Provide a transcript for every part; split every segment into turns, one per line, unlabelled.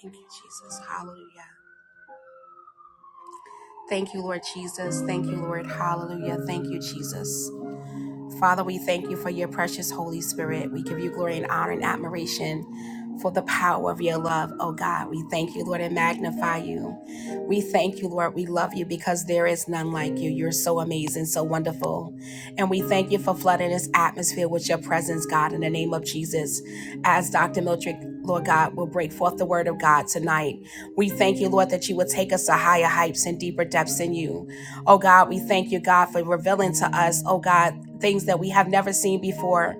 Thank you, Jesus. Hallelujah. Thank you, Lord Jesus. Thank you, Lord. Hallelujah. Thank you, Jesus. Father, we thank you for your precious Holy Spirit. We give you glory and honor and admiration for the power of your love, oh God. We thank you, Lord, and magnify you. We thank you, Lord. We love you because there is none like you. You're so amazing, so wonderful. And we thank you for flooding this atmosphere with your presence, God, in the name of Jesus. As Dr. Miltrick, Lord God, will break forth the word of God tonight. We thank you, Lord, that you will take us to higher heights and deeper depths in you. Oh God, we thank you, God, for revealing to us, oh God, things that we have never seen before.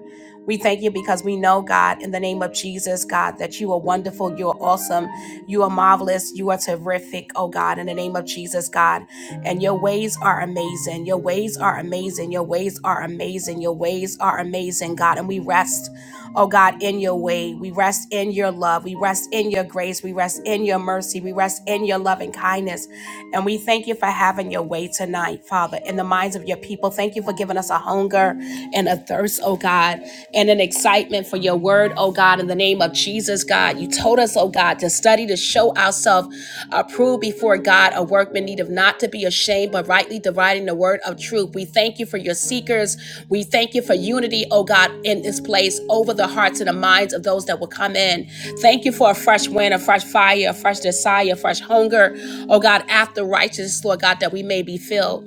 We thank you because we know, God, in the name of Jesus, God, that you are wonderful, you are awesome, you are marvelous, you are terrific, oh God, in the name of Jesus, God. And your ways are amazing, your ways are amazing, your ways are amazing, your ways are amazing, God. And we rest, oh God, in your way. We rest in your love, we rest in your grace, we rest in your mercy, we rest in your loving kindness. And we thank you for having your way tonight, Father, in the minds of your people. Thank you for giving us a a hunger and a thirst, oh God, and an excitement for your word, oh God, in the name of Jesus, God. You told us, oh God, to study to show ourselves approved before God, a workman need not to be ashamed, but rightly dividing the word of truth. We thank you for your seekers. We thank you for unity, oh God, in this place over the hearts and the minds of those that will come in. Thank you for a fresh wind, a fresh fire, a fresh desire, a fresh hunger, oh God, after righteousness, Lord God, that we may be filled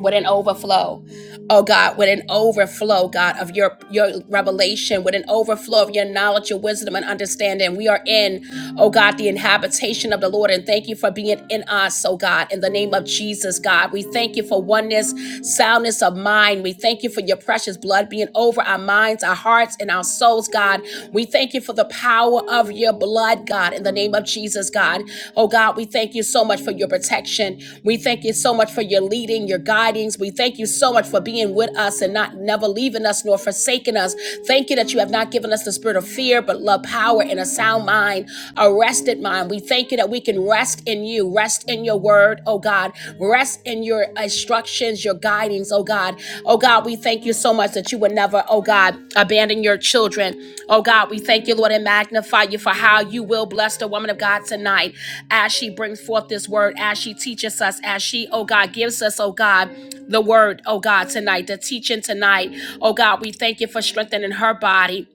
with an overflow oh god with an overflow god of your your revelation with an overflow of your knowledge your wisdom and understanding we are in oh god the inhabitation of the lord and thank you for being in us oh god in the name of jesus god we thank you for oneness soundness of mind we thank you for your precious blood being over our minds our hearts and our souls god we thank you for the power of of your blood, God, in the name of Jesus, God. Oh, God, we thank you so much for your protection. We thank you so much for your leading, your guidings. We thank you so much for being with us and not never leaving us nor forsaking us. Thank you that you have not given us the spirit of fear, but love, power, and a sound mind, a rested mind. We thank you that we can rest in you, rest in your word, oh God, rest in your your instructions, your guidings, oh God. Oh God, we thank you so much that you would never, oh God, abandon your children. Oh God, we thank you, Lord, and magnify you for how you will bless the woman of God tonight as she brings forth this word, as she teaches us, as she, oh God, gives us, oh God, the word, oh God, tonight, the teaching tonight. Oh God, we thank you for strengthening her body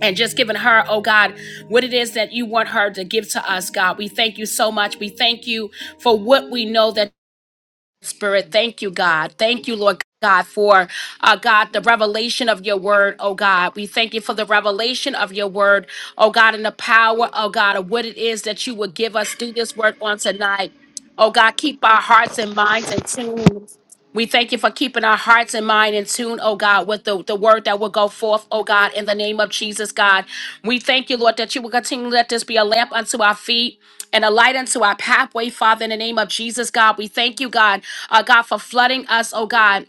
and just giving her, oh God, what it is that you want her to give to us, God. We thank you so much. We thank you for what we know that. Spirit, thank you, God. Thank you, Lord God, for uh, God, the revelation of your word, oh God. We thank you for the revelation of your word, oh God, and the power, oh God, of what it is that you would give us through this word on tonight. Oh God, keep our hearts and minds in tune. We thank you for keeping our hearts and mind in tune, oh God, with the, the word that will go forth, oh God, in the name of Jesus, God. We thank you, Lord, that you will continue to let this be a lamp unto our feet and a light unto our pathway, Father, in the name of Jesus, God. We thank you, God, uh, God, for flooding us, oh God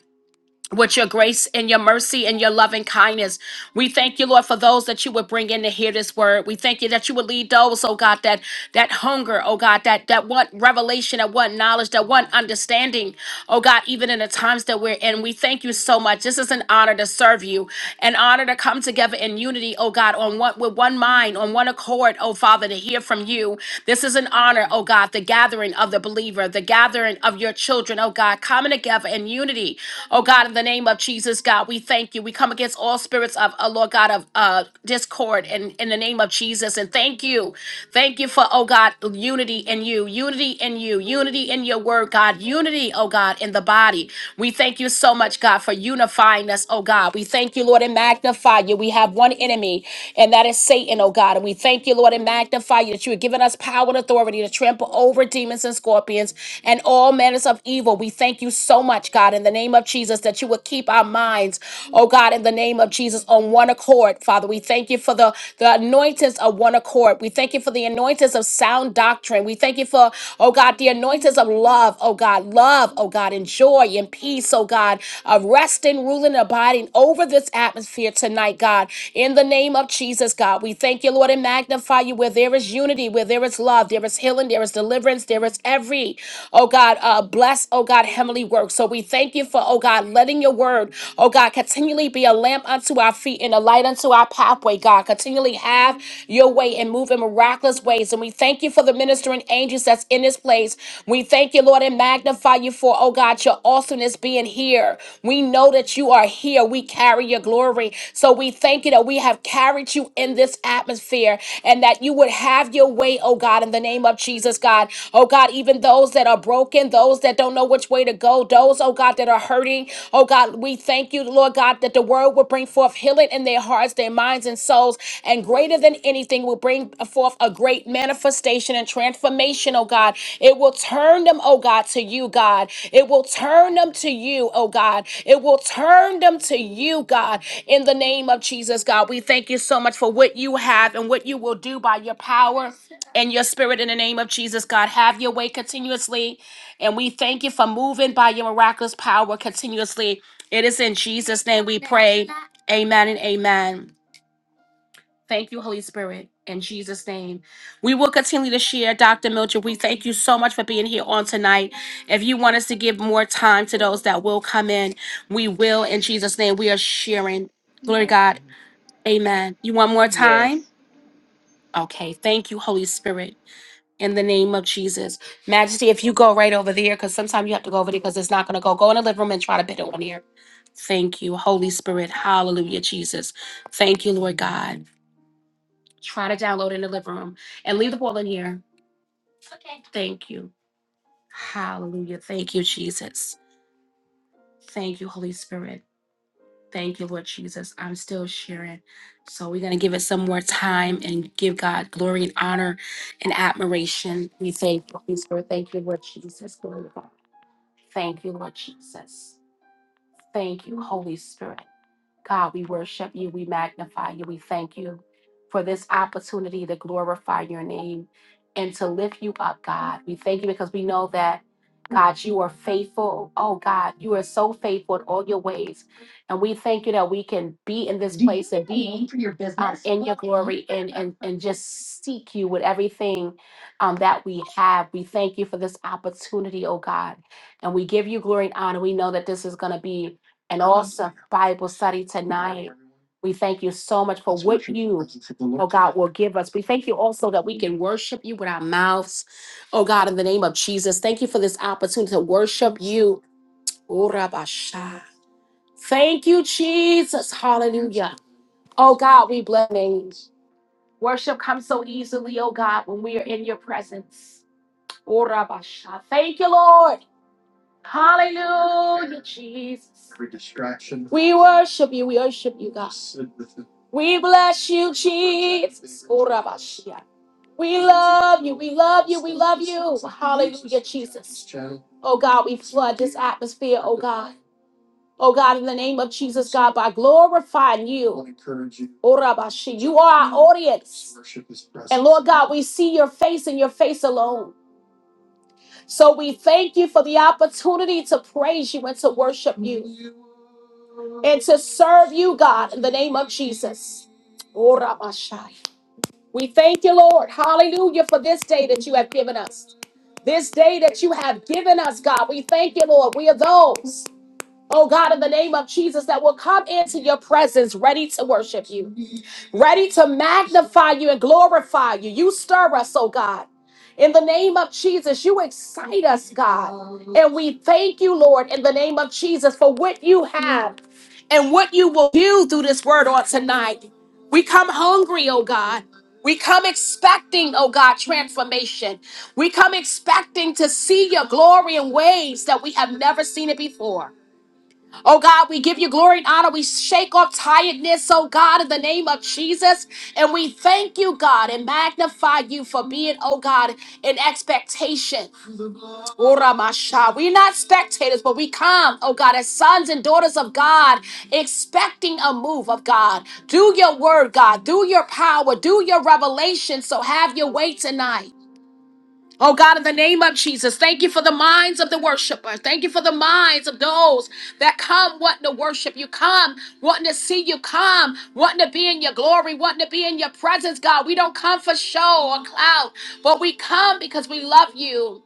with your grace and your mercy and your loving kindness. We thank you, Lord, for those that you would bring in to hear this word. We thank you that you would lead those, oh God, that that hunger, oh God, that that want revelation, that want knowledge, that want understanding, oh God, even in the times that we're in. We thank you so much. This is an honor to serve you, an honor to come together in unity, oh God, on one with one mind, on one accord, oh Father, to hear from you. This is an honor, oh God, the gathering of the the believer, the gathering of your children, oh God, coming together in unity. Oh God, in the name of Jesus, God, we thank you. We come against all spirits of, oh Lord God, of uh, discord and in in the name of Jesus. And thank you. Thank you for, oh God, unity in you, unity in you, unity in your word, God, unity, oh God, in the body. We thank you so much, God, for unifying us, oh God. We thank you, Lord, and magnify you. We have one enemy, and that is Satan, oh God. God. And we thank you, Lord, and magnify you that you have given us power and authority to trample over demons and scorpions and all manners of evil. We thank you so much, God, in the name of Jesus, that you would keep our minds, oh God, in the name of Jesus, on one accord, Father. We thank you for the, the anointings of one accord. We thank you for the anointings of sound doctrine. We thank you for, oh God, the anointings of love, oh God, love, oh God, and joy and peace, oh God, of resting, ruling, and abiding over this atmosphere tonight, God. In the name of Jesus, God, we thank you, Lord, and magnify you where there is unity, where there is love, there is healing, there is deliverance, there is every, oh God, uh, bless, oh God, heavenly work. So we thank you for, oh God, letting your word, oh God, continually be a lamp unto our feet and a light unto our pathway, God. Continually have your way and move in miraculous ways. And we thank you for the ministering angels that's in this place. We thank you, Lord. Lord, and magnify you for, oh God, your awesomeness being here. We know that you are here. We carry your glory. So we thank you that we have carried you in this atmosphere and that you would have your way, oh God, in the name of Jesus, God. Oh God, even those that are broken, those that don't know which way to go, those, oh God, that are hurting, oh God, we thank you, Lord God, that the word will bring forth healing in their hearts, their minds, and souls, and greater than anything will bring forth a great manifestation and transformation, oh God. It will turn them, oh God, to you, God. It will turn them to you, oh God. It will turn them to you, God. In the name of Jesus, God, we thank you so much for what you have and what you will do by your power and your spirit in the name of Jesus, God. Have your way continuously. And we thank you for moving by your miraculous power continuously. It is in Jesus' name we pray. Amen and amen. Thank you, Holy Spirit, in Jesus' name. We will continue to share, Dr. Mildred. We thank you so much for being here on tonight. If you want us to give more time to those that will come in, we will, in Jesus' name. We are sharing. Glory to
Okay.
God. Amen. You want more
Yes.
time? Okay. Thank you, Holy Spirit, in the name of Jesus. Majesty, if you go right over there, because sometimes you have to go over there because it's not going to go, go in the living room and try to bid it on here. Thank you, Holy Spirit. Hallelujah, Jesus. Thank you, Lord God. Try to download in the living room and leave the ball in here. Okay. Thank you. Hallelujah. Thank you, Jesus. Thank you, Holy Spirit. Thank you, Lord Jesus. I'm still sharing. So we're going to give it some more time and give God glory and honor and admiration. We thank you, Holy Spirit. Thank you, Lord Jesus. Glory to God. Thank you, Lord Jesus. Thank you, Holy Spirit. God, we worship you, we magnify you, we thank you for this opportunity to glorify your name and to lift you up, God. We thank you because we know that, God, you are faithful. Oh, God, you are so faithful in all your ways. And we thank you that we can be in this Do you place and be need for your um, business? in your glory and, and, and just seek you with everything um, that we have. We thank you for this opportunity, oh, God. And we give you glory and honor. We know that this is going to be and also Bible study tonight. We thank you so much for what you, oh God, will give us. We thank you also that we can worship you with our mouths, oh God, in the name of Jesus. Thank you for this opportunity to worship you. Ora basha. Thank you, Jesus. Hallelujah. Oh God, we bless your name. Worship comes so easily, oh God, when we are in your presence. Ora basha. Thank you, Lord. Hallelujah, Jesus. We worship you. We worship you, God. We bless you, Jesus. Oh, We love you. We love you. We love you. Hallelujah, Jesus. Oh, God, we flood this atmosphere, oh, God. Oh, God, in the name of Jesus, God, by glorifying you. Orabashi, You are our audience. And Lord God, we see your face and your face alone. So we thank you for the opportunity to praise you and to worship you and to serve you, God, in the name of Jesus. Oh, Rabashai. We thank you, Lord. Hallelujah for this day that you have given us. This day that you have given us, God. We thank you, Lord. We are those, oh God, in the name of Jesus, that will come into your presence ready to worship you ready to magnify you and glorify you. You stir us, oh God. In the name of Jesus, you excite us, God. And we thank you, Lord, in the name of Jesus, for what you have and what you will do through this word on tonight. We come hungry, oh God. We come expecting, oh God, transformation. We come expecting to see your glory in ways that we have never seen it before. Oh God, we give you glory and honor. We shake off tiredness, oh God, in the name of Jesus. And we thank you, God, and magnify you for being, oh God, in expectation. Ora masha. We're not spectators, but we come, oh God, as sons and daughters of God, expecting a move of God. Do your word, God. Do your power. Do your revelation. So have your way tonight. Oh God, in the name of Jesus, thank you for the minds of the worshiper. Thank you for the minds of those that come wanting to worship you, come wanting to see you, come wanting to be in your glory, wanting to be in your presence, God. We don't come for show or clout, but we come because we love you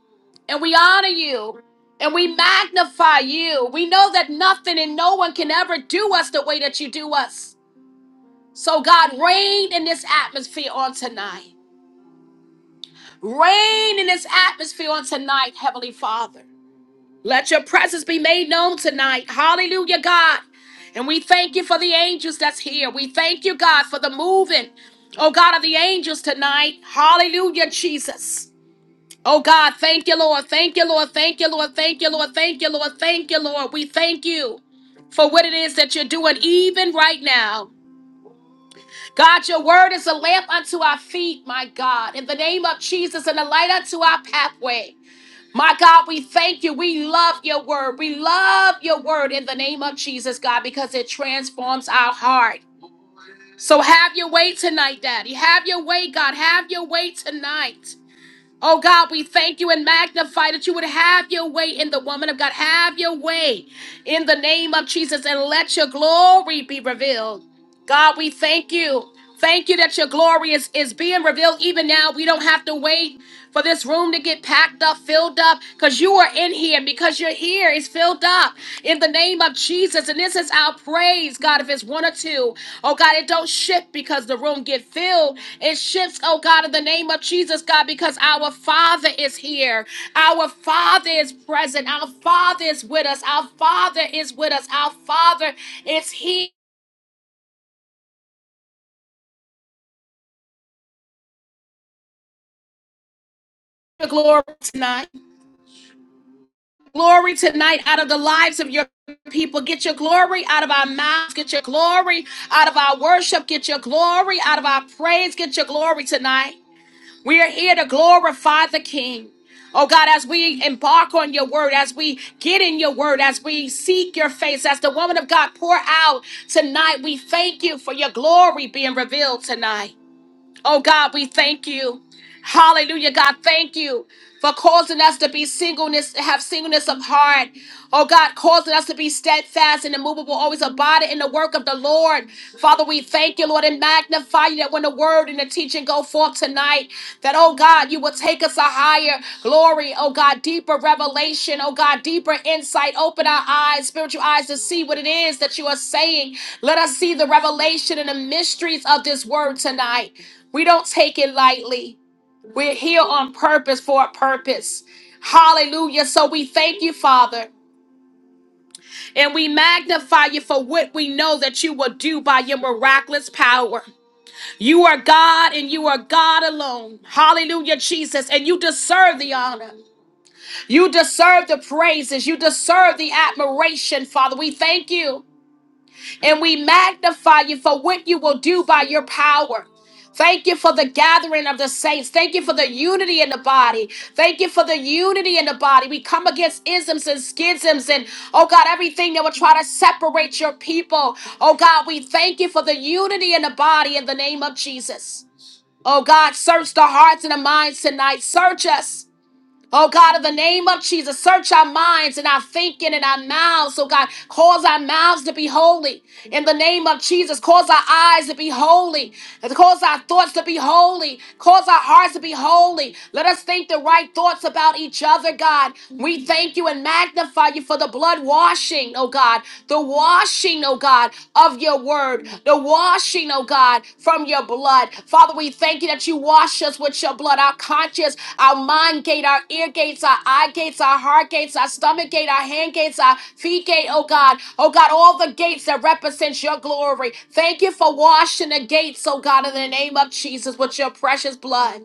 and we honor you and we magnify you. We know that nothing and no one can ever do us the way that you do us. So, God, reign in this atmosphere on tonight. Reign in this atmosphere on tonight, Heavenly Father. Let your presence be made known tonight. Hallelujah, God. And we thank you for the angels that's here. We thank you, God, for the moving, oh God, of the angels tonight. Hallelujah, Jesus. Oh God, thank you, Lord. Thank you, Lord. Thank you, Lord. Thank you, Lord. Thank you, Lord. Thank you, Lord. We thank you for what it is that you're doing even right now. God, your word is a lamp unto our feet, my God. In the name of Jesus and a light unto our pathway. My God, we thank you. We love your word. We love your word in the name of Jesus, God, because it transforms our heart. So have your way tonight, Daddy. Have your way, God. Have your way tonight. Oh God, we thank you and magnify that you would have your way in the woman of God. Have your way in the name of Jesus and let your glory be revealed. God, we thank you. Thank you that your glory is, is being revealed even now. We don't have to wait for this room to get packed up, filled up, because you are in here, and because you're here, it's filled up in the name of Jesus. And this is our praise, God. If it's one or two, oh God, it don't shift because the room get filled it shifts, oh God, in the name of Jesus, God, because our Father is here. Our Father is present. Our Father is with us. Our Father is with us. Our Father is here. Glory tonight. Glory tonight out of the lives of your people. Get your glory out of our mouths. Get your glory out of our worship. Get your glory out of our praise. Get your glory tonight. We are here to glorify the King. Oh God, as we embark on your word, as we get in your word, as we seek your face, as the woman of God pour out tonight, we thank you for your glory being revealed tonight. Oh God, we thank you. Hallelujah, God, thank you for causing us to be singleness, have singleness of heart. Oh God, causing us to be steadfast and immovable, always abiding in the work of the Lord. Father, we thank you, Lord, and magnify you that when the word and the teaching go forth tonight, that, oh God, you will take us a higher glory, oh God, deeper revelation, oh God, deeper insight. Open our eyes, spiritual eyes, to see what it is that you are saying. Let us see the revelation and the mysteries of this word tonight. We don't take it lightly. We're here on purpose for a purpose. Hallelujah. So we thank you, Father, and we magnify you for what we know that you will do by your miraculous power. You are God and you are God alone. Hallelujah, Jesus. And you deserve the honor. You deserve the praises. You deserve the admiration, Father. We thank you. and we magnify you for what you will do by your power. Thank you for the gathering of the saints. Thank you for the unity in the body. Thank you for the unity in the body. We come against isms and schisms and, oh God, everything that will try to separate your people. Oh God, we thank you for the unity in the body in the name of Jesus. Oh God, search the hearts and the minds tonight. Search us. Oh God, in the name of Jesus, search our minds and our thinking and our mouths. Oh God, cause our mouths to be holy. In the name of Jesus, cause our eyes to be holy. Cause our thoughts to be holy. Cause our hearts to be holy. Let us think the right thoughts about each other, God. We thank you and magnify you for the blood washing, oh God. The washing, oh God, of your word. The washing, oh God, from your blood. Father, we thank you that you wash us with your blood. Our conscience our mind gate, our ear gates, our eye gates, our heart gates, our stomach gate, our hand gates, our feet gate, oh God. Oh God, all the gates that represent your glory. Thank you for washing the gates, oh God, in the name of Jesus with your precious blood.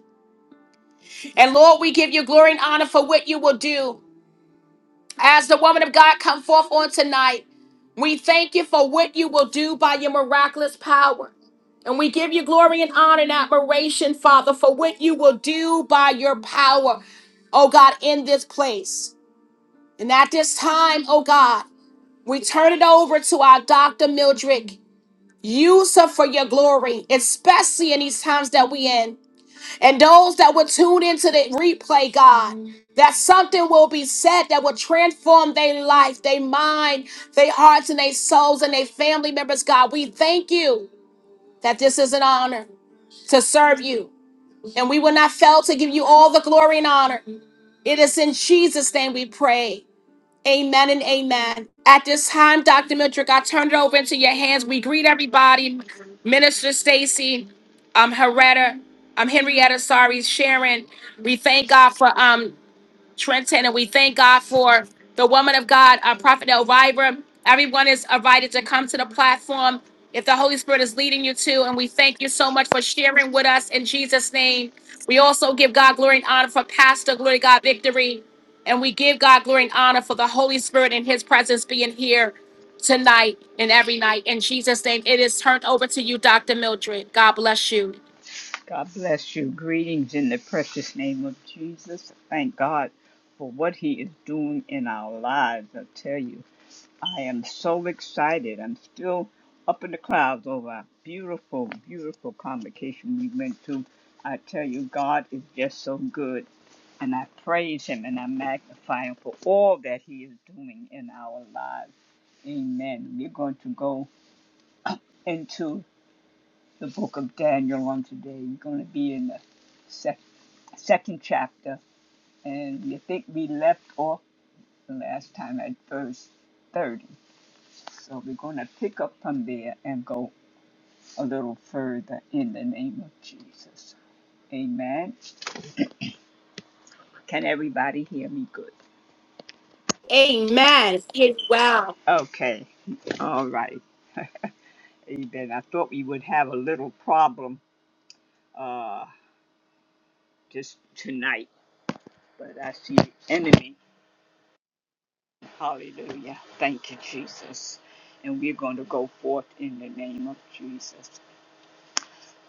And Lord, we give you glory and honor for what you will do. As the woman of God come forth on tonight, we thank you for what you will do by your miraculous power. And we give you glory and honor and admiration, Father, for what you will do by your power, oh God, in this place. And at this time, oh God, we turn it over to our Dr. Mildred. Use her for your glory, especially in these times that we in. And those that would tune into the replay, God, that something will be said that will transform their life, their mind, their hearts, and their souls, and their family members, God. We thank you that this is an honor to serve you. And we will not fail to give you all the glory and honor. It is in Jesus' name we pray. Amen and amen. At this time, Dr. Mildred, I turn it over into your hands. We greet everybody. Minister Stacy, um, Heretta, um, Henrietta, sorry, Sharon. We thank God for um Trenton, and we thank God for the woman of God, our prophet Elvira. Everyone is invited to come to the platform if the Holy Spirit is leading you to, and we thank you so much for sharing with us in Jesus' name. We also give God glory and honor for Pastor Glory to God Victory, and we give God glory and honor for the Holy Spirit and His presence being here tonight and every night. In Jesus' name, it is turned over to you, Dr. Mildred. God bless you.
God bless you. Greetings in the precious name of Jesus. Thank God for what He is doing in our lives. I tell you, I am so excited. I'm still up in the clouds over our beautiful, beautiful convocation we went to. I tell you, God is just so good. And I praise Him and I magnify Him for all that He is doing in our lives. Amen. We're going to go into the book of Daniel on today. We're going to be in the sec- second chapter, and you think we left off the last time at verse 30. So we're going to pick up from there and go a little further in the name of Jesus. Amen. Can everybody hear me good?
Amen. Wow.
Okay. All right. Amen. I thought we would have a little problem uh, just tonight, but I see the enemy Hallelujah. Thank you, Jesus. And we're going to go forth in the name of Jesus.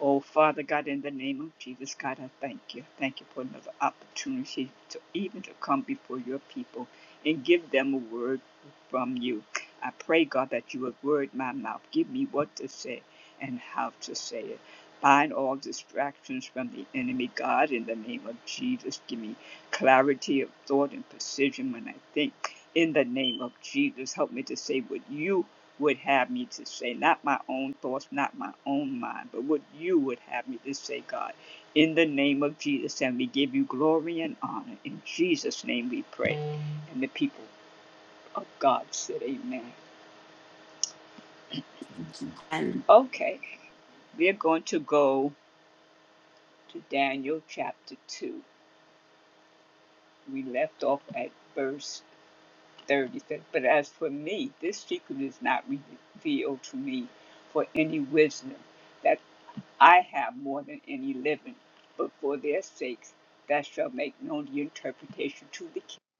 Oh, Father God, in the name of Jesus, God, I thank you. Thank you for another opportunity to even to come before your people and give them a word from you. I pray, God, that you would word my mouth. Give me what to say and how to say it. Bind all distractions from the enemy, God, in the name of Jesus. Give me clarity of thought and precision when I think. In the name of Jesus, help me to say what you would have me to say, not my own thoughts, not my own mind, but what you would have me to say, God, in the name of Jesus. And we give you glory and honor. In Jesus' name we pray. And the people of God said, Amen. Okay, we're going to go to Daniel chapter 2. We left off at verse 30. But as for me, this secret is not revealed to me for any wisdom that. I have more than any living, but for their sakes thou shalt make known the interpretation to the kings,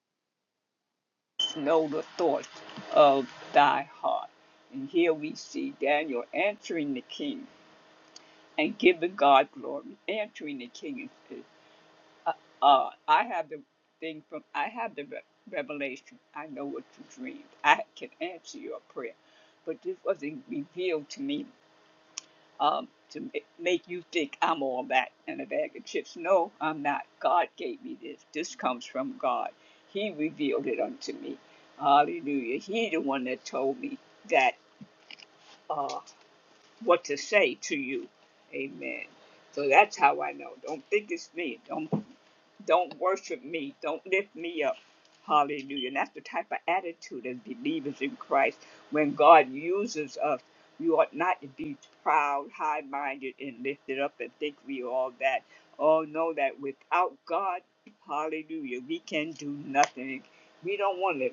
know the thoughts of thy heart. And here we see Daniel answering the king and giving God glory, answering the king. and says, Uh, uh, I have the thing from, I have the re- revelation. I know what you dreamed. I can answer your prayer. But this wasn't revealed to me um, to make you think I'm all that and a bag of chips. No, I'm not. God gave me this. This comes from God. He revealed it unto me. Hallelujah. He the one that told me that. uh, what to say to you. Amen. So that's how I know. Don't think it's me. Don't don't worship me. Don't lift me up. Hallelujah. And that's the type of attitude as believers in Christ. When God uses us, we ought not to be proud, high minded, and lifted up and think we all that. All know that without God, hallelujah, we can do nothing. We don't want to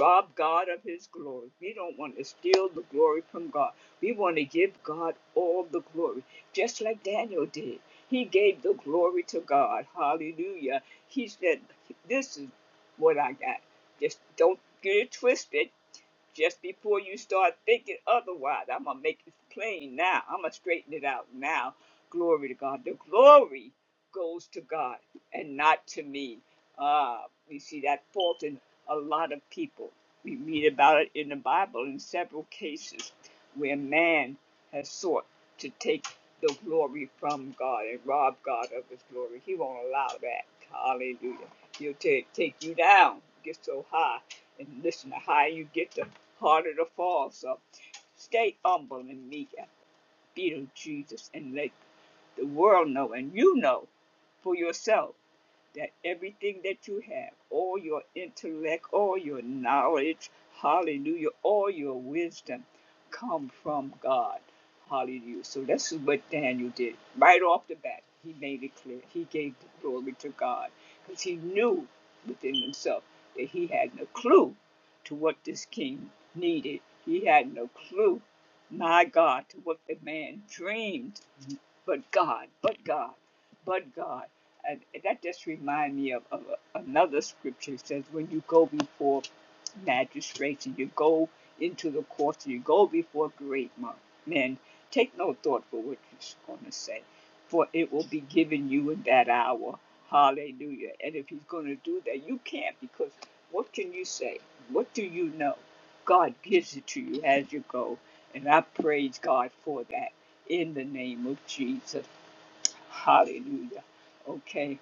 rob God of his glory. We don't want to steal the glory from God. We want to give God all the glory, just like Daniel did. He gave the glory to God. Hallelujah. He said, This is what I got. Just don't get it twisted. Just before you start thinking otherwise, I'm going to make it plain now. I'm going to straighten it out now. Glory to God. The glory goes to God and not to me. Uh, we see that fault in a lot of people. We read about it in the Bible in several cases where man has sought to take the glory from God and rob God of his glory. He won't allow that. Hallelujah. He'll take take you down, get so high. And listen, the higher you get, the harder to fall. So stay humble and meek and feet of Jesus and let the world know and you know for yourself that everything that you have, all your intellect, all your knowledge, hallelujah, all your wisdom come from God. Hallelujah. So this is what Daniel did. Right off the bat, he made it clear. He gave the glory to God because he knew within himself that he had no clue to what this king needed. He had no clue, my God, to what the man dreamed. But God, but God, but God. And that just reminds me of, of another scripture. It says, when you go before magistrates and you go into the courts and you go before great men, take no thought for what you're going to say, for it will be given you in that hour. Hallelujah. And if he's going to do that, you can't because what can you say? What do you know? God gives it to you as you go. And I praise God for that in the name of Jesus. Hallelujah. Okay.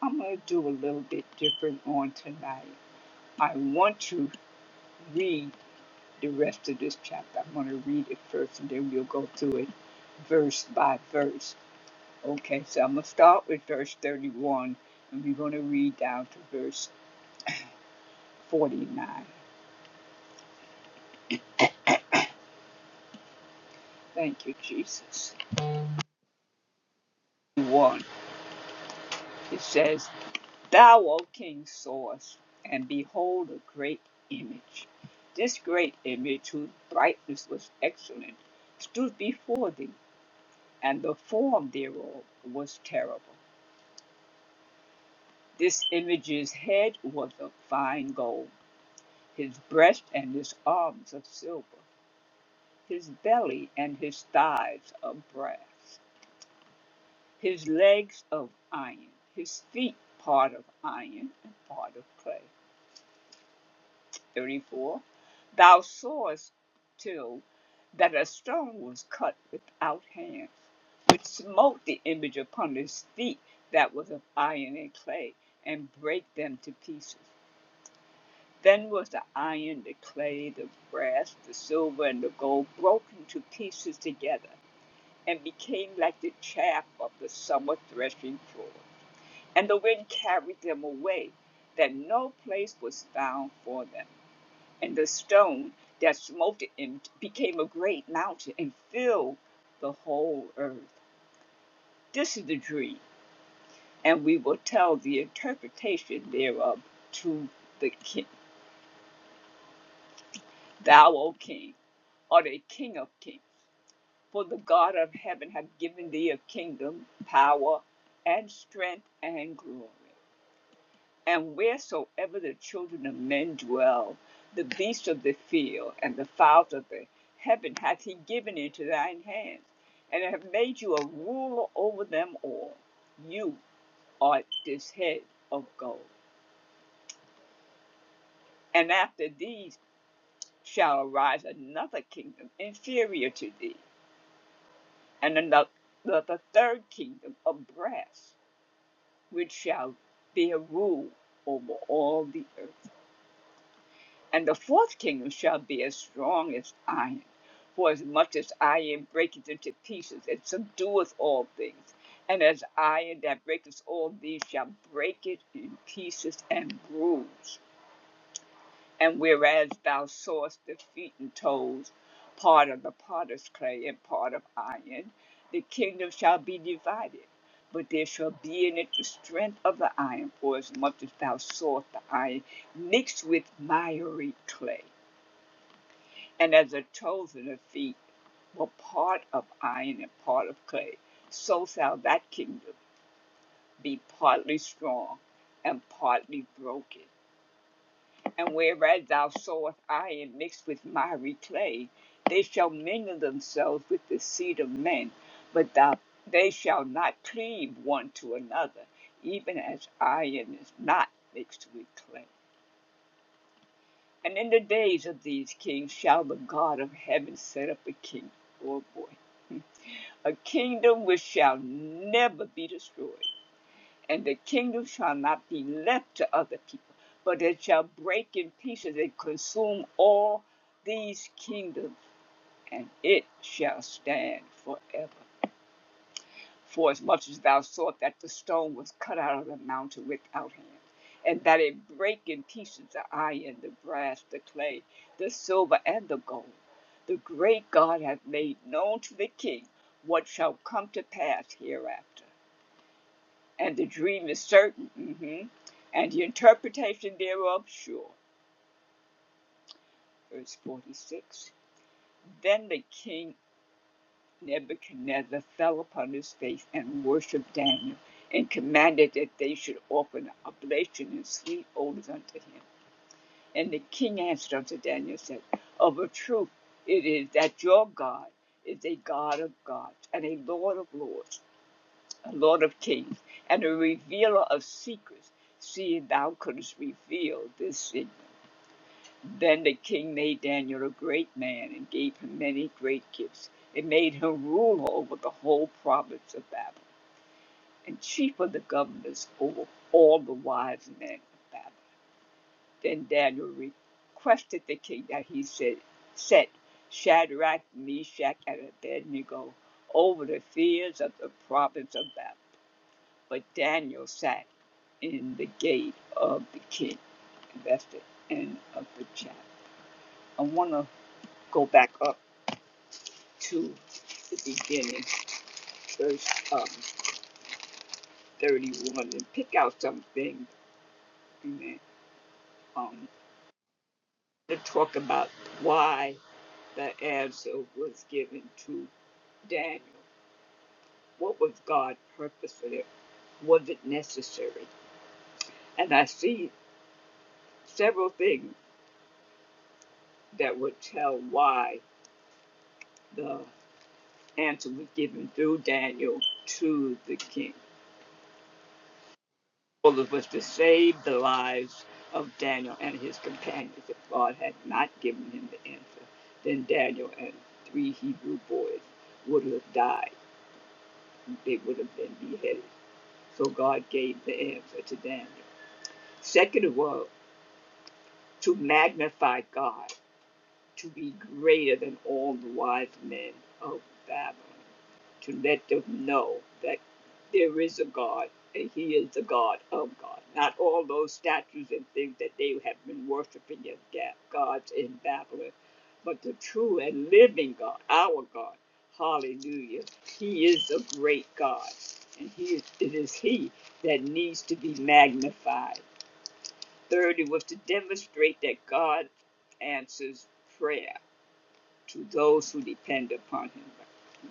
I'm going to do a little bit different on tonight. I want to read the rest of this chapter. I'm going to read it first and then we'll go through it verse by verse. Okay, so I'm going to start with verse 31 and we're going to read down to verse 49. Thank you, Jesus. 1. It says, Thou, O King, sawest, and behold a great image. This great image, whose brightness was excellent, stood before thee and the form thereof was terrible. This image's head was of fine gold, his breast and his arms of silver, his belly and his thighs of brass, his legs of iron, his feet part of iron and part of clay. 34 Thou sawest too that a stone was cut without hands, which smote the image upon his feet that was of iron and clay, and brake them to pieces. Then was the iron, the clay, the brass, the silver, and the gold broken to pieces together, and became like the chaff of the summer threshing floor. And the wind carried them away, that no place was found for them and the stone that smote him became a great mountain and filled the whole earth. This is the dream, and we will tell the interpretation thereof to the king. Thou, O king, art a king of kings, for the God of heaven hath given thee a kingdom, power, and strength, and glory. And wheresoever the children of men dwell, the beasts of the field and the fowls of the heaven hath he given into thine hands, and have made you a ruler over them all. You art this head of gold. And after these shall arise another kingdom inferior to thee, and another the third kingdom of brass, which shall bear rule over all the earth. And the fourth kingdom shall be as strong as iron, for as much as iron breaketh into pieces and subdueth all things, and as iron that breaketh all these shall break it in pieces and bruise. And whereas thou sawest the feet and toes, part of the potter's clay and part of iron, the kingdom shall be divided. But there shall be in it the strength of the iron, for as much as thou sawest the iron mixed with miry clay and as a chosen of the feet were part of iron and part of clay, so shall that kingdom be partly strong and partly broken. And whereas thou sowest iron mixed with miry clay, they shall mingle themselves with the seed of men, but thou, they shall not cleave one to another, even as iron is not mixed with clay. And in the days of these kings shall the God of heaven set up a king. Oh boy a kingdom which shall never be destroyed, and the kingdom shall not be left to other people, but it shall break in pieces and consume all these kingdoms, and it shall stand forever. Forasmuch as thou sawest that the stone was cut out of the mountain without hands, and that it brake in pieces the iron, the brass, the clay, the silver, and the gold, the great God hath made known to the king what shall come to pass hereafter. And the dream is certain, mhm, and the interpretation thereof sure. Verse 46. Then the king Nebuchadnezzar fell upon his face and worshipped Daniel, and commanded that they should offer an oblation and sweet odors unto him. And the king answered unto Daniel, said, Of a truth it is that your God is a God of gods, and a Lord of lords, a Lord of kings, and a revealer of secrets, See, thou couldst reveal this secret. Then the king made Daniel a great man and gave him many great gifts, and made him ruler over the whole province of Babylon, and chief of the governors over all the wise men of Babylon. Then Daniel requested the king that he said, set Shadrach, Meshach, and Abednego over the fears of the province of Babylon. But Daniel sat in the gate of the king. And that's the end of the chapter. I want to go back up to the beginning, verse um, 31, and pick out something amen, um, to talk about why the answer was given to Daniel. What was God's purpose for it? Was it necessary? And I see several things that would tell why the answer was given through Daniel to the king. was to save the lives of Daniel and his companions. If God had not given him the answer, then Daniel and three Hebrew boys would have died. They would have been beheaded. So God gave the answer to Daniel. Second of all, to magnify God. to be greater than all the wise men of Babylon, to let them know that there is a God and He is the God of God, not all those statues and things that they have been worshiping as gods in Babylon, but the true and living God, our God. Hallelujah. He is a great God, and he is, it is He that needs to be magnified. Third, it was to demonstrate that God answers prayer to those who depend upon him.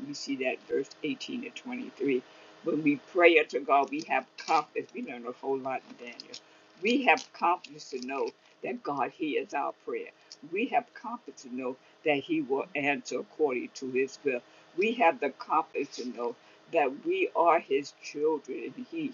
We see that verse 18 to 23. When we pray unto God, we have confidence. We learn a whole lot in Daniel. We have confidence to know that God hears our prayer. We have confidence to know that He will answer according to His will. We have the confidence to know that we are His children and He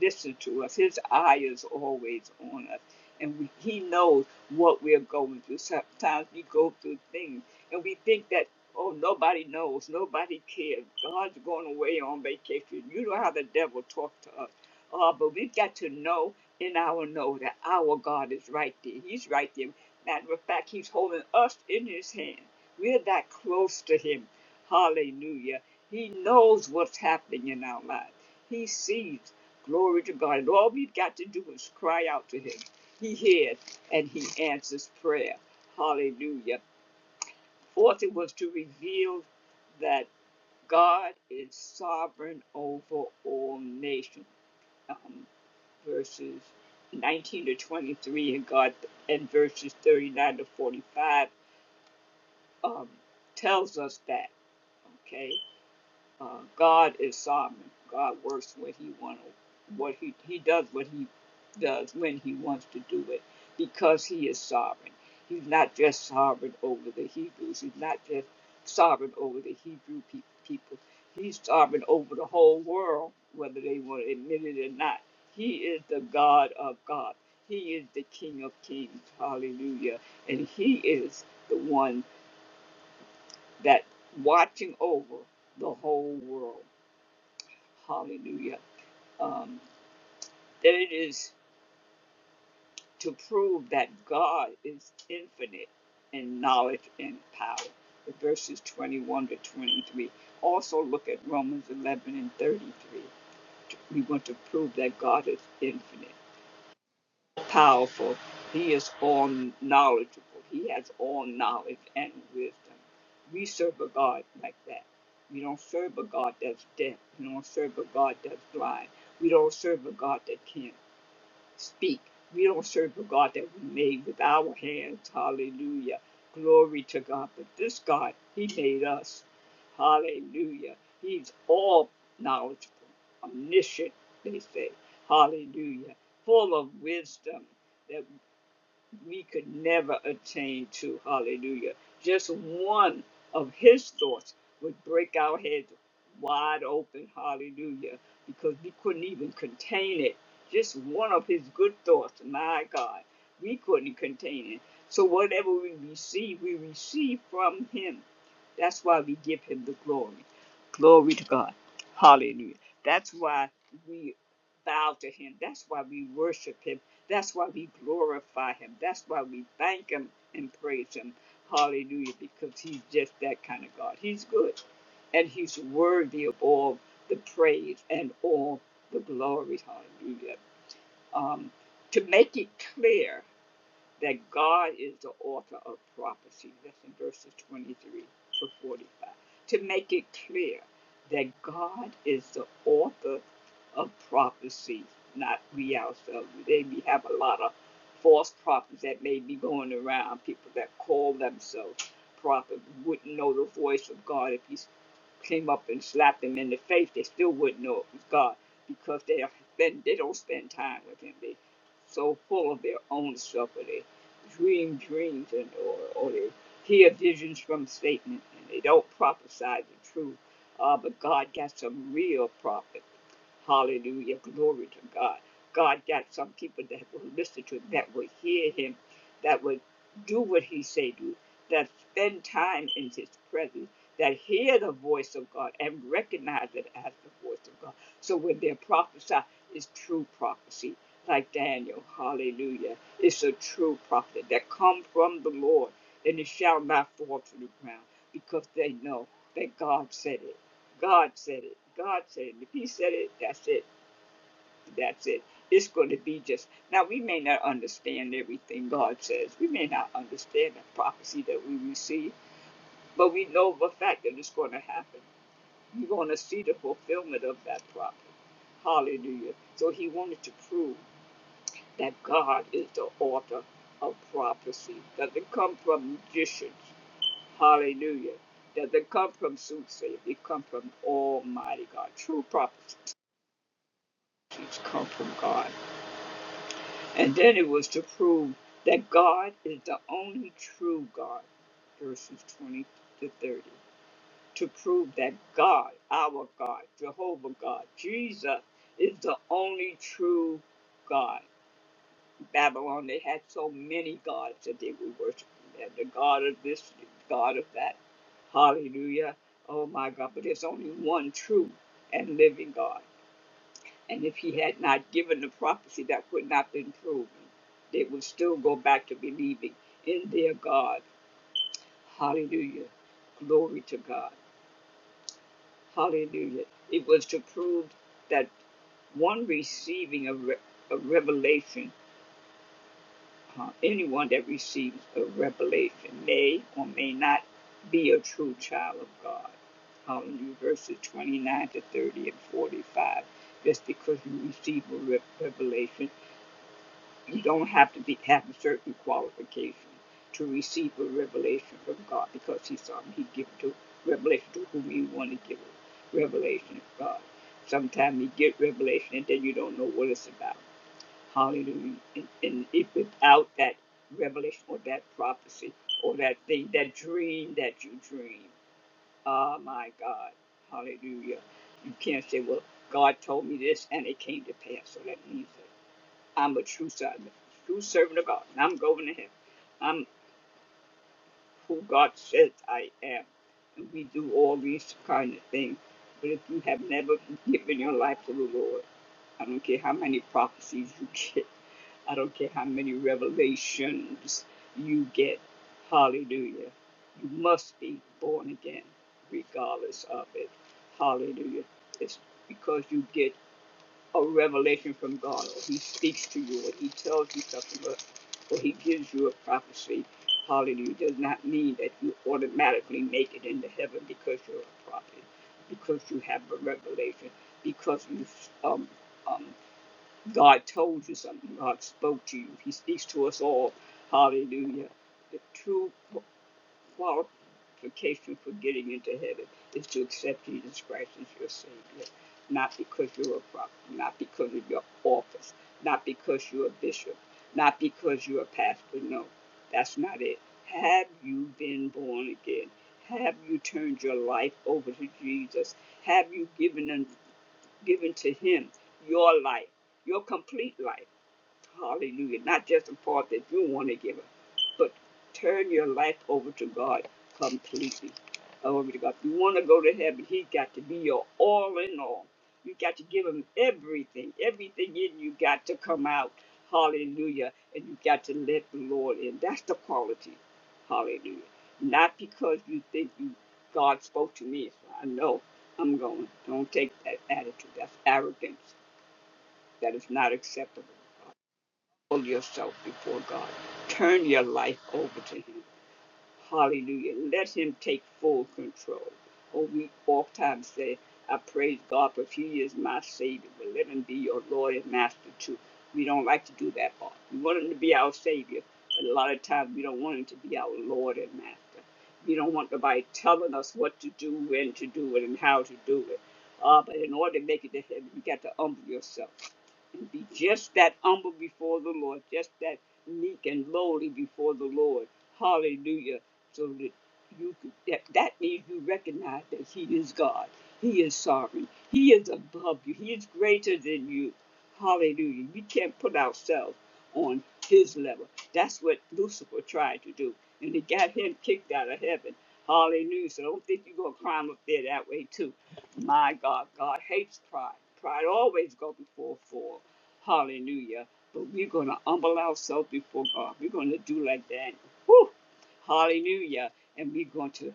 listens to us. His eye is always on us. And we, He knows what we're going through. Sometimes we go through things and we think that, oh, nobody knows, nobody cares. God's going away on vacation. You know how the devil talks to us. Uh, but we've got to know in our know that our God is right there. He's right there. Matter of fact, He's holding us in His hand. We're that close to Him. Hallelujah. He knows what's happening in our lives. He sees. Glory to God. And all we've got to do is cry out to Him. He hears and He answers prayer. Hallelujah. Fourth, it was to reveal that God is sovereign over all nations. Um, verses 19 to 23 and God and verses 39 to 45 um, tells us that. Okay. Uh, God is sovereign. God works what He wants, what He He does what He does when He wants to do it, because He is sovereign. He's not just sovereign over the Hebrews. He's not just sovereign over the Hebrew pe- people. He's sovereign over the whole world, whether they want to admit it or not. He is the God of God. He is the King of Kings. Hallelujah. And He is the one that watching over the whole world. Hallelujah. Um, that it is to prove that God is infinite in knowledge and power. The verses 21 to 23. Also look at Romans 11 and 33. We want to prove that God is infinite, powerful. He is all knowledgeable. He has all knowledge and wisdom. We serve a God like that. We don't serve a God that's deaf. We don't serve a God that's blind. We don't serve a God that can't. speak. We don't serve a God that we made with our hands. Hallelujah. Glory to God. But this God, He made us. Hallelujah. He's all knowledgeable, omniscient, they say. Hallelujah. Full of wisdom. that we could never attain to. Hallelujah. Just one of his thoughts would break our heads wide open. Hallelujah. Because we couldn't even contain it. Just one of his good thoughts, my God, we couldn't contain it. So whatever we receive, we receive from him. That's why we give him the glory. Glory to God. Hallelujah. That's why we bow to him. That's why we worship him that's why we glorify him. That's why we thank him and praise him. Hallelujah, because he's just that kind of God. He's good and he's worthy of all the praise and all the glory. Hallelujah. Um, to make it clear, that God is the author of prophecy. That's in verses 23 to 45. To make it clear that God is the author of prophecy, not we ourselves. Today we have a lot of false prophets that may be going around, people that call themselves prophets, wouldn't know the voice of God if He came up and slapped them in the face. They still wouldn't know it was God because they, have been, they don't spend time with Him. They so full of their own self or their dream dreams and or, or they hear visions from Satan and they don't prophesy the truth. Uh, but God got some real prophets. Hallelujah. Glory to God. God got some people that will listen to him, that will hear him, that will do what he say do, that spend time in his presence, that hear the voice of God and recognize it as the voice of God. So when they're prophesied, it's true prophecy, like Daniel. Hallelujah. It's a true prophet that come from the Lord, and it shall not fall to the ground because they know that God said it. God said it. God said it. If He said it, that's it. That's it. It's going to be just. Now, we may not understand everything God says. We may not understand the prophecy that we receive, but we know the fact that it's going to happen. We're going to see the fulfillment of that prophet. Hallelujah. So He wanted to prove that God is the author of prophecy. Doesn't come from magicians. Hallelujah. Doesn't come from soothsayers. It comes from Almighty God. True prophecies come from God. And then it was to prove that God is the only true God. Verses 20 to 30. To prove that God, our God, Jehovah God, Jesus, is the only true God. Babylon, they had so many gods that they were worshiping. They had the god of this, the god of that. Hallelujah. Oh my God. But there's only one true and living God. And if he had not given the prophecy, that would not have been proven. They would still go back to believing in their God. Hallelujah. Glory to God. Hallelujah. It was to prove that one receiving a, re- a revelation Uh, anyone that receives a revelation may or may not be a true child of God. Hallelujah. Verses 29 to 30 and 45. Just because you receive a re- revelation, you don't have to be have a certain qualification to receive a revelation from God because He's something He gives to revelation to whom He want to give it. revelation of God. Sometimes you get revelation and then you don't know what it's about. Hallelujah. And, and if without that revelation or that prophecy or that thing, that dream that you dream, oh my God, hallelujah. You can't say, well, God told me this and it came to pass. So that means that I'm a true servant, true servant of God, and I'm going to heaven. I'm who God says I am. And we do all these kind of things. But if you have never given your life to the Lord, I don't care how many prophecies you get. I don't care how many revelations you get. Hallelujah. You must be born again, regardless of it. Hallelujah. It's because you get a revelation from God, or He speaks to you, or He tells you something, or, or He gives you a prophecy. Hallelujah. Does not mean that you automatically make it into heaven because you're a prophet, because you have a revelation, because you um um God told you something, God spoke to you. He speaks to us all. Hallelujah. The true qualification for getting into heaven is to accept Jesus Christ as your Savior, not because you're a prophet, not because of your office, not because you're a bishop, not because you're a pastor. No, that's not it. Have you been born again? Have you turned your life over to Jesus? Have you given him, given to Him your life, your complete life? Hallelujah. Not just the part that you want to give up, but turn your life over to God completely. Over to God. If you want to go to heaven, He got to be your all in all. You got to give Him everything. Everything in you got to come out. Hallelujah. And you got to let the Lord in. That's the quality. Hallelujah. Not because you think you God spoke to me, so I know I'm going. Don't take that attitude. That's arrogance. That is not acceptable. Humble yourself before God. Turn your life over to Him. Hallelujah. Let him take full control. Oh, we oftentimes say, I praise God, but he is my Savior. But let him be your Lord and Master too. We don't like to do that part. We want him to be our Savior, but a lot of times we don't want him to be our Lord and Master. We don't want nobody telling us what to do, when to do it, and how to do it. Uh, but in order to make it to heaven, you got to humble yourself and be just that humble before the Lord, just that meek and lowly before the Lord. Hallelujah so that you could, that, that means you recognize that he is God. He is sovereign. He is above you. He is greater than you. Hallelujah. We can't put ourselves on his level. That's what Lucifer tried to do. And it got him kicked out of heaven. Hallelujah. So don't think you're going to climb up there that way too. My God, God hates pride. Pride always goes before a fall. Hallelujah. But we're going to humble ourselves before God. We're going to do like that. Whew! Hallelujah. And we're going to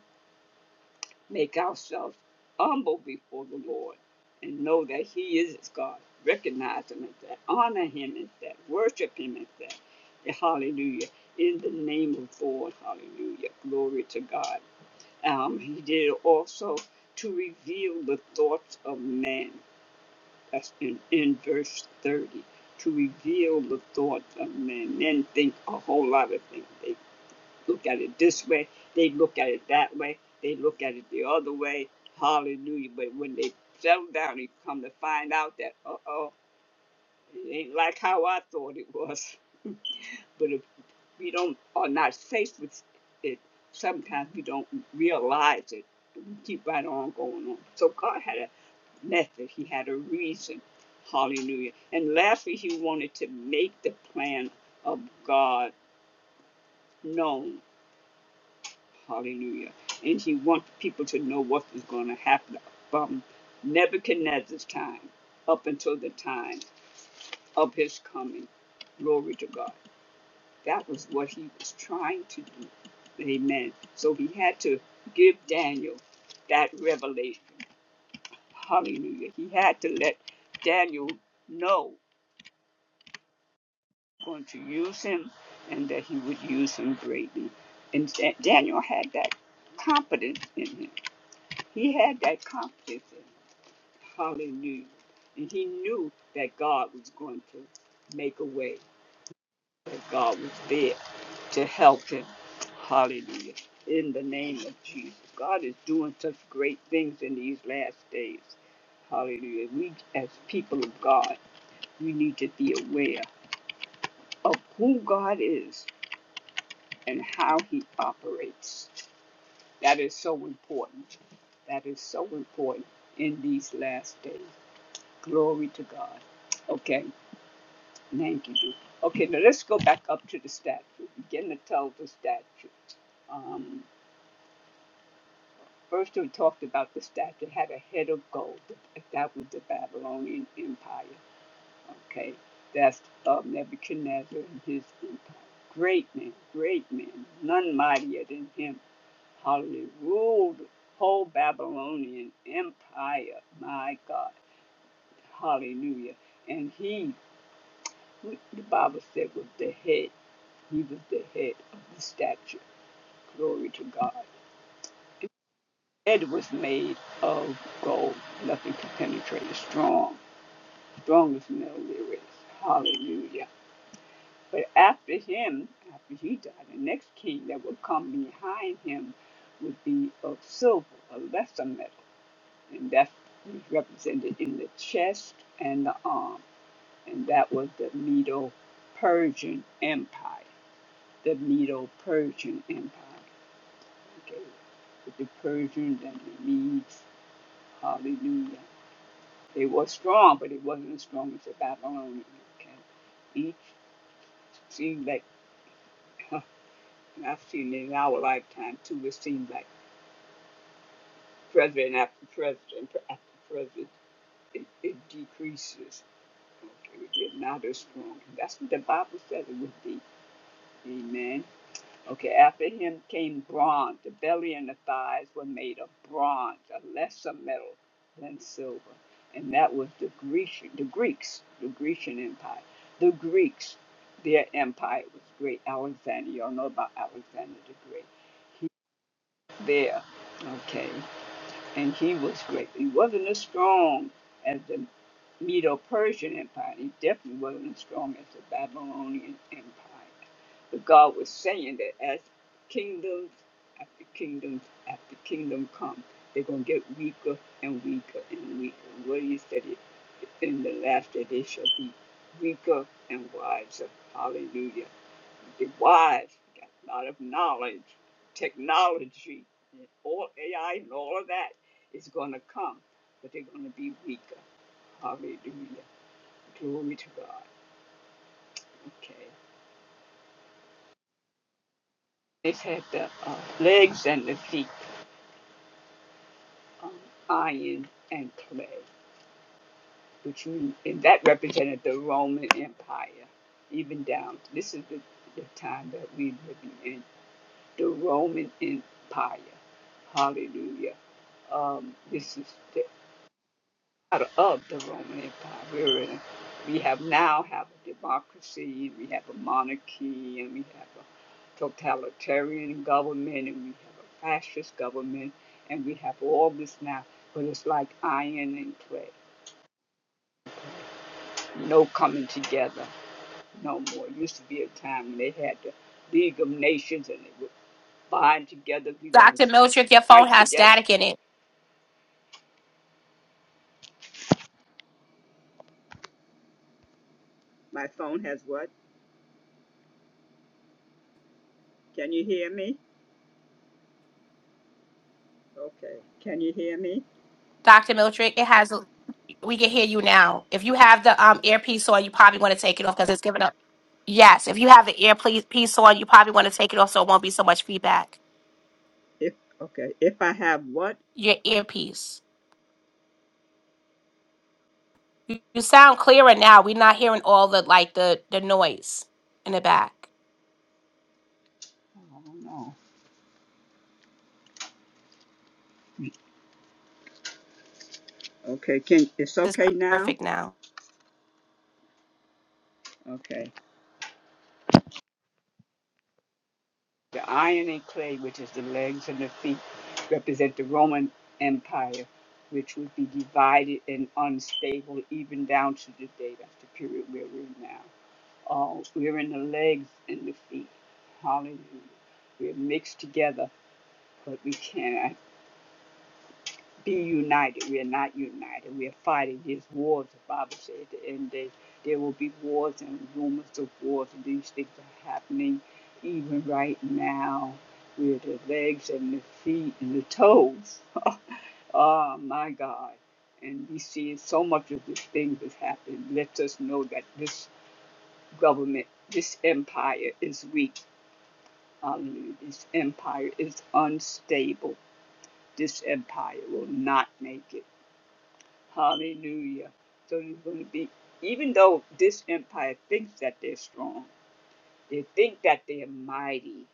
make ourselves humble before the Lord and know that He is His God. Recognize Him as that. Honor Him as that. Worship Him as that. Hallelujah. In the name of the Lord. Hallelujah. Glory to God. Um, he did also to reveal the thoughts of man. That's in, in verse 30. To reveal the thoughts of men. Men think a whole lot of things. They look at it this way, they look at it that way, they look at it the other way. Hallelujah. But when they settle down, they come to find out that, uh oh, it ain't like how I thought it was. But if we don't are not faced with it, sometimes we don't realize it. We keep right on going on. So God had a method, He had a reason. Hallelujah. And lastly, He wanted to make the plan of God known Hallelujah. And he wants people to know what is going to happen from Nebuchadnezzar's time up until the time of his coming. Glory to God. That was what he was trying to do. Amen. So he had to give Daniel that revelation. Hallelujah. He had to let Daniel know going to use him and that he would use him greatly. And Daniel had that confidence in him. He had that confidence in Hallelujah. And he knew that God was going to make a way, that God was there to help him. Hallelujah. In the name of Jesus. God is doing such great things in these last days. Hallelujah. We, as people of God, we need to be aware of who God is and how he operates. That is so important. That is so important in these last days. Glory to God. Okay, thank you. Jesus. Okay, now let's go back up to the statue. Begin to tell the statue. Um, first, we talked about the statue had a head of gold. That was the Babylonian Empire. Okay, that's uh, Nebuchadnezzar and his empire. Great man, great man, none mightier than him. Hallelujah. Ruled the whole Babylonian Empire. My God. Hallelujah. And he the Bible said with the head, he was the head of the stature. Glory to God. Head was made of gold. Nothing could penetrate it. Strong. Strong as no there is. Hallelujah. But after him, after he died, the next king that would come behind him would be of silver, a lesser metal. And that's he's represented in the chest and the arm. And that was the Medo Persian Empire. the Medo Persian Empire. Okay. With the Persians and the Medes. Hallelujah. They were strong, but it wasn't as strong as the Babylonian. Okay. Each seemed like, huh, and I've seen it in our lifetime too, it seemed like president after president after president, it, it decreases. Okay. They're not as strong. That's what the Bible said it would be. Amen. Okay, after him came bronze. The belly and the thighs were made of bronze, a lesser metal than silver. And that was the Grecian, the Greeks, the Grecian Empire. The Greeks, their empire was great. Alexander, y'all know about Alexander the Great. He was there. Okay and he was great. He wasn't as strong as the Medo-Persian Empire. He definitely wasn't as strong as the Babylonian Empire. But God was saying that as kingdoms after kingdoms after kingdom come, they're going to get weaker and weaker and weaker. What he said it in the last that they shall be weaker and wiser. Hallelujah. Be wise, got a lot of knowledge, technology, and all AI and all of that is going to come, but they're going to be weaker. Hallelujah. Glory to God. Okay. they had the uh, legs and the feet, um, iron and clay, which mean, and that represented the Roman Empire, even down. This is the, the time that we're living in. the Roman Empire. Hallelujah. Um, this is the, out of the Roman Empire. We're in, we have now have a democracy, we have a monarchy, and we have a totalitarian government, and we have a fascist government, and we have all this now. But it's like iron and clay. No coming together no more. It used to be a time when they had the League of Nations and they would bind together. We're going to
Dr. Miltrick, your phone
fight
has
together.
static in it.
My phone has what? Can you hear me? Okay. Can you hear me?
Dr. Miltrick, it has. We can hear you now. If you have the um earpiece on, you probably want to take it off because it's giving up. Yes, if you have the earpiece on, you probably want to take it off so it won't be so much feedback.
If okay. If I have what?
Your earpiece. You, you sound clearer now. We're not hearing all the like the the noise in the back.
I don't know. Okay. Can it's
This is
okay now?
perfect now.
Okay. The iron and clay, which is the legs and the feet, represent the Roman Empire, which would be divided and unstable even down to the day. That's the period where we're in now. Uh, we're in the legs and the feet. Hallelujah. We're mixed together, but we can't. I be united. We are not united. We are fighting these wars. The Bible says at the end of the day there will be wars and rumors of wars, and these things are happening even right now with the legs and the feet and the toes. oh my God. And we see so much of these things that's happening. Let us know that this government, this empire is weak. Hallelujah. This empire is unstable. This empire will not make it. Hallelujah. So there's going to be, even though this empire thinks that they're strong, they think that they're mighty.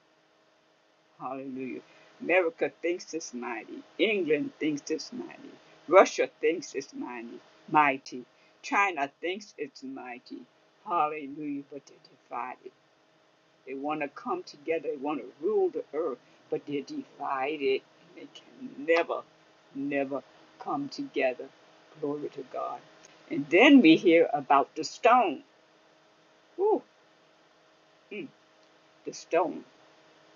Hallelujah. America thinks it's mighty. England thinks it's mighty. Russia thinks it's mighty. Mighty. China thinks it's mighty. Hallelujah. But they're divided. They want to come together. They want to rule the earth, but they're divided. They can never, never come together. Glory to God. And then we hear about the stone. Ooh, mm, the stone.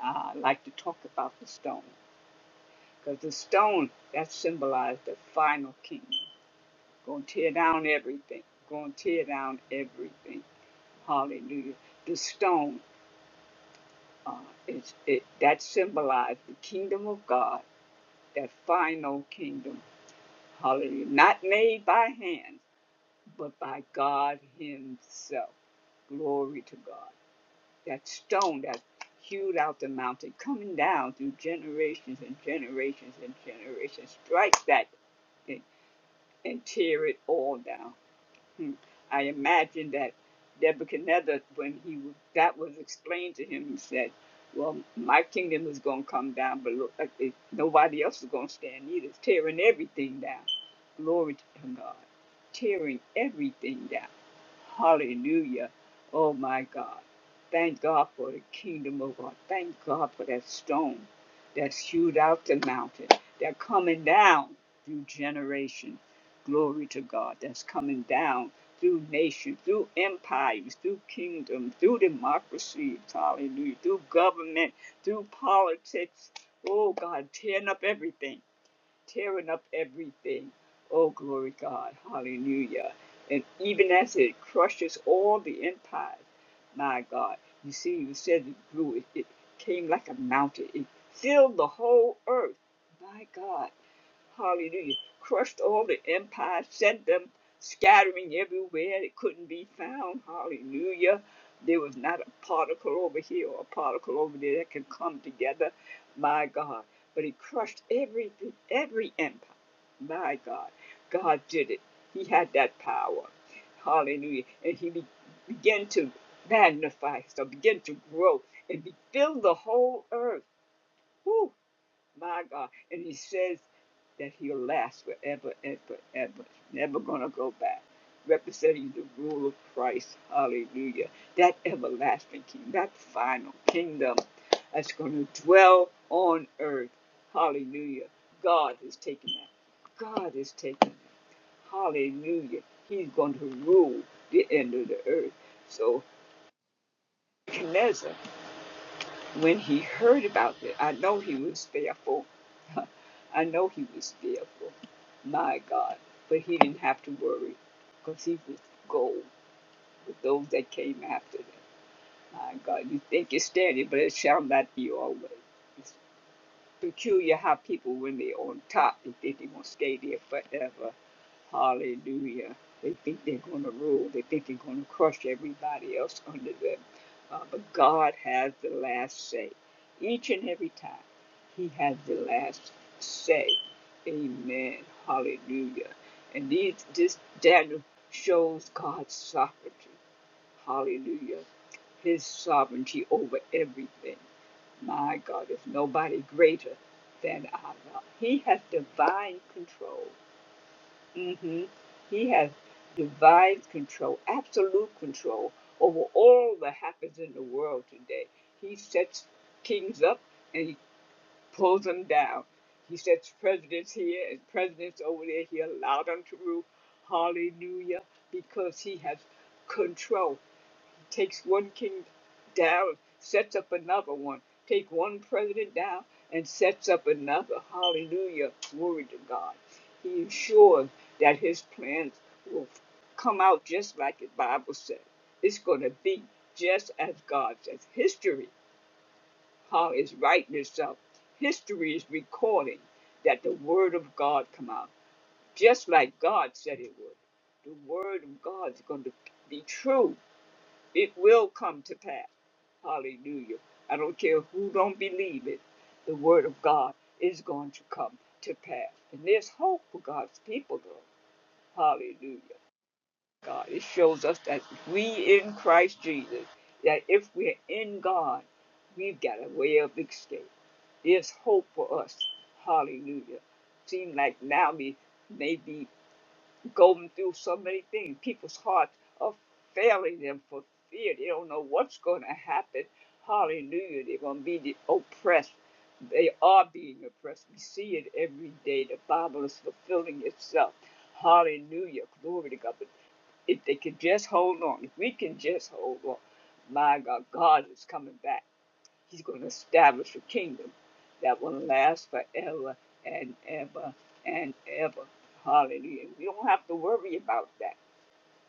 Ah, I like to talk about the stone because the stone that symbolized the final kingdom. Going to tear down everything. Going to tear down everything. Hallelujah. The stone uh, is it that symbolized the kingdom of God that final kingdom. Hallelujah. Not made by hands, but by God Himself. Glory to God. That stone that hewed out the mountain, coming down through generations and generations and generations, strike that thing and tear it all down. Hmm. I imagine that Nebuchadnezzar, when he that was explained to him, he said, "Well, my kingdom is going to come down, but look, uh, it, nobody else is going to stand either. It's tearing everything down. Glory to God, tearing everything down. Hallelujah. Oh my God. Thank God for the kingdom of God. Thank God for that stone that hewed out the mountain. They're coming down through generations glory to God that's coming down through nations, through empires, through kingdoms, through democracy, hallelujah, through government, through politics. Oh God, tearing up everything, tearing up everything. Oh glory God, hallelujah. And even as it crushes all the empires, my God, you see, you said it grew, it, it came like a mountain, it filled the whole earth. My God. Hallelujah. Crushed all the empires, sent them scattering everywhere. They couldn't be found. Hallelujah. There was not a particle over here or a particle over there that could come together. My God. But he crushed every every empire. My God. God did it. He had that power. Hallelujah. And he be- began to magnify, so begin to grow and be, fill the whole earth. Woo. My God. And he says that he'll last forever and forever. Never gonna go back. Representing the rule of Christ. Hallelujah. That everlasting King, that final kingdom that's gonna dwell on earth. Hallelujah. God is taking that. God is taking that. Hallelujah. He's going to rule the end of the earth. So, Nebuchadnezzar when he heard about it, I know he was fearful. I know he was fearful. My God. But he didn't have to worry because he was gold with those that came after them. My God, you think it's standing, but it shall not be always. It peculiar how people, when they're on top, they think they're going to stay there forever. Hallelujah. They think they're going to rule. They think they're going to crush everybody else under them. Uh, but God has the last say. Each and every time, He has the last say. Amen. Hallelujah. And these, this Daniel shows God's sovereignty. Hallelujah. His sovereignty over everything. My God, there's nobody greater than Allah. He has divine control. mm hmm He has divine control, absolute control over all that happens in the world today. He sets kings up and he pulls them down. He sets presidents here and presidents over there. He allowed them to rule. Hallelujah. Because he has control takes one king down, sets up another one. Take one president down and sets up another. Hallelujah. Glory to God. He ensures that his plans will come out just like the Bible says. It's going to be just as God says. History, how is writing itself. History is recording that the word of God come out just like God said it would. The word of God is going to be true it will come to pass. Hallelujah. I don't care who don't believe it. The word of God is going to come to pass. And there's hope for God's people, though. Hallelujah. God, it shows us that we in Christ Jesus, that if we're in God, we've got a way of escape. There's hope for us. Hallelujah. Seem like now we may be going through so many things. People's hearts are failing them for fear. They don't know what's going to happen. Hallelujah. They're going to be the oppressed. They are being oppressed. We see it every day. The Bible is fulfilling itself. Hallelujah. Glory to God. But if they can just hold on, if we can just hold on, my God, God is coming back. He's going to establish a kingdom that will last forever and ever and ever. Hallelujah. We don't have to worry about that.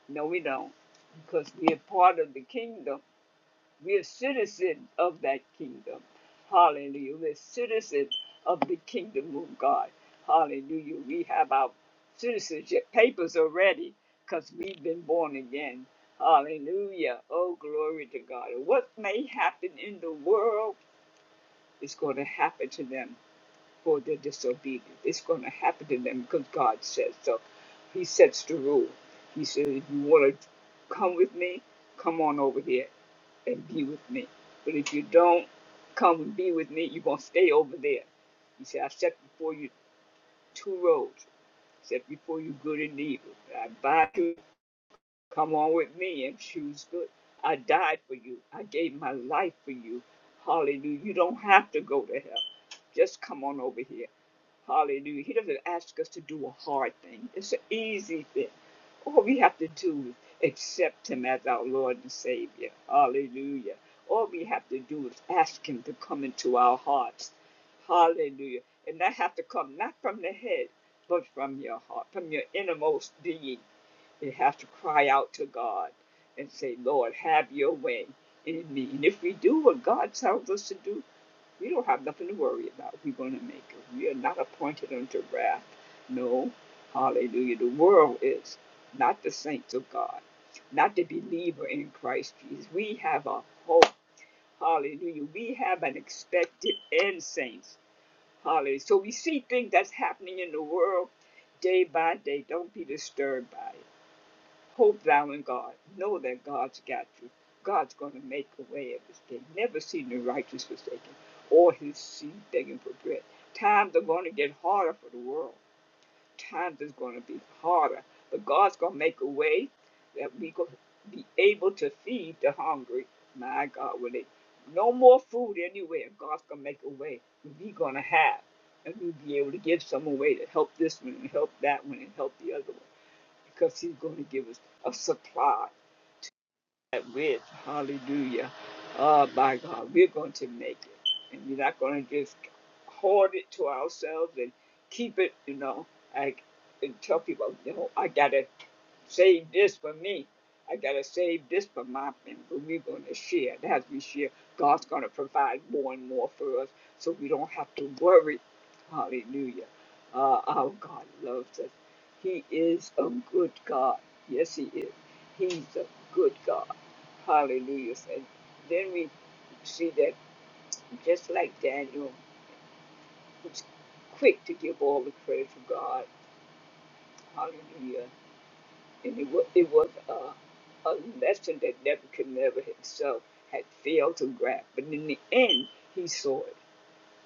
No, we don't. Because we are part of the kingdom. We are citizens of that kingdom. Hallelujah. We're citizens of the kingdom of God. Hallelujah. We have our citizenship papers already because we've been born again. Hallelujah. Oh, glory to God. What may happen in the world is going to happen to them for their disobedience. It's going to happen to them because God says so. He sets the rule. He says, if you want to come with me, come on over here and be with me. But if you don't come and be with me, you're going to stay over there. He said, I set before you two roads. I set before you good and evil. I bind you. Come on with me and choose good. I died for you. I gave my life for you. Hallelujah. You don't have to go to hell. Just come on over here. Hallelujah. He doesn't ask us to do a hard thing, it's an easy thing. All we have to do is accept Him as our Lord and Savior. Hallelujah. All we have to do is ask Him to come into our hearts. Hallelujah. And that have to come not from the head, but from your heart, from your innermost being. They have to cry out to God and say, Lord, have your way in me. And if we do what God tells us to do, we don't have nothing to worry about. We're going to make it. We are not appointed unto wrath. No. Hallelujah. The world is, not the saints of God, not the believer in Christ Jesus. We have a hope. Hallelujah. We have an expected end, saints. Hallelujah. So we see things that's happening in the world day by day. Don't be disturbed by it. Hope thou in God. Know that God's got you. God's going to make a way of this thing. Never seen the righteous forsaken or his seed begging for bread. Times are going to get harder for the world. Times is going to be harder. But God's going to make a way that we going to be able to feed the hungry. My God, will it? No more food anywhere. God's going to make a way. We're going to have. And we'll be able to give some away to help this one and help that one and help the other one because he's going to give us a supply with. Hallelujah. Oh, my God, we're going to make it. And we're not going to just hoard it to ourselves and keep it, you know. I and tell people, no, I got to. Save this for me. I gotta save this for my family. We're gonna share. as we share, God's gonna provide more and more for us so we don't have to worry. Hallelujah. Uh, our God loves us. He is a good God. Yes, He is. He's a good God. Hallelujah. And then we see that just like Daniel, who's quick to give all the credit to God. Hallelujah. And it was, it was a, a lesson that Nebuchadnezzar himself had failed to grasp. But in the end, he saw it.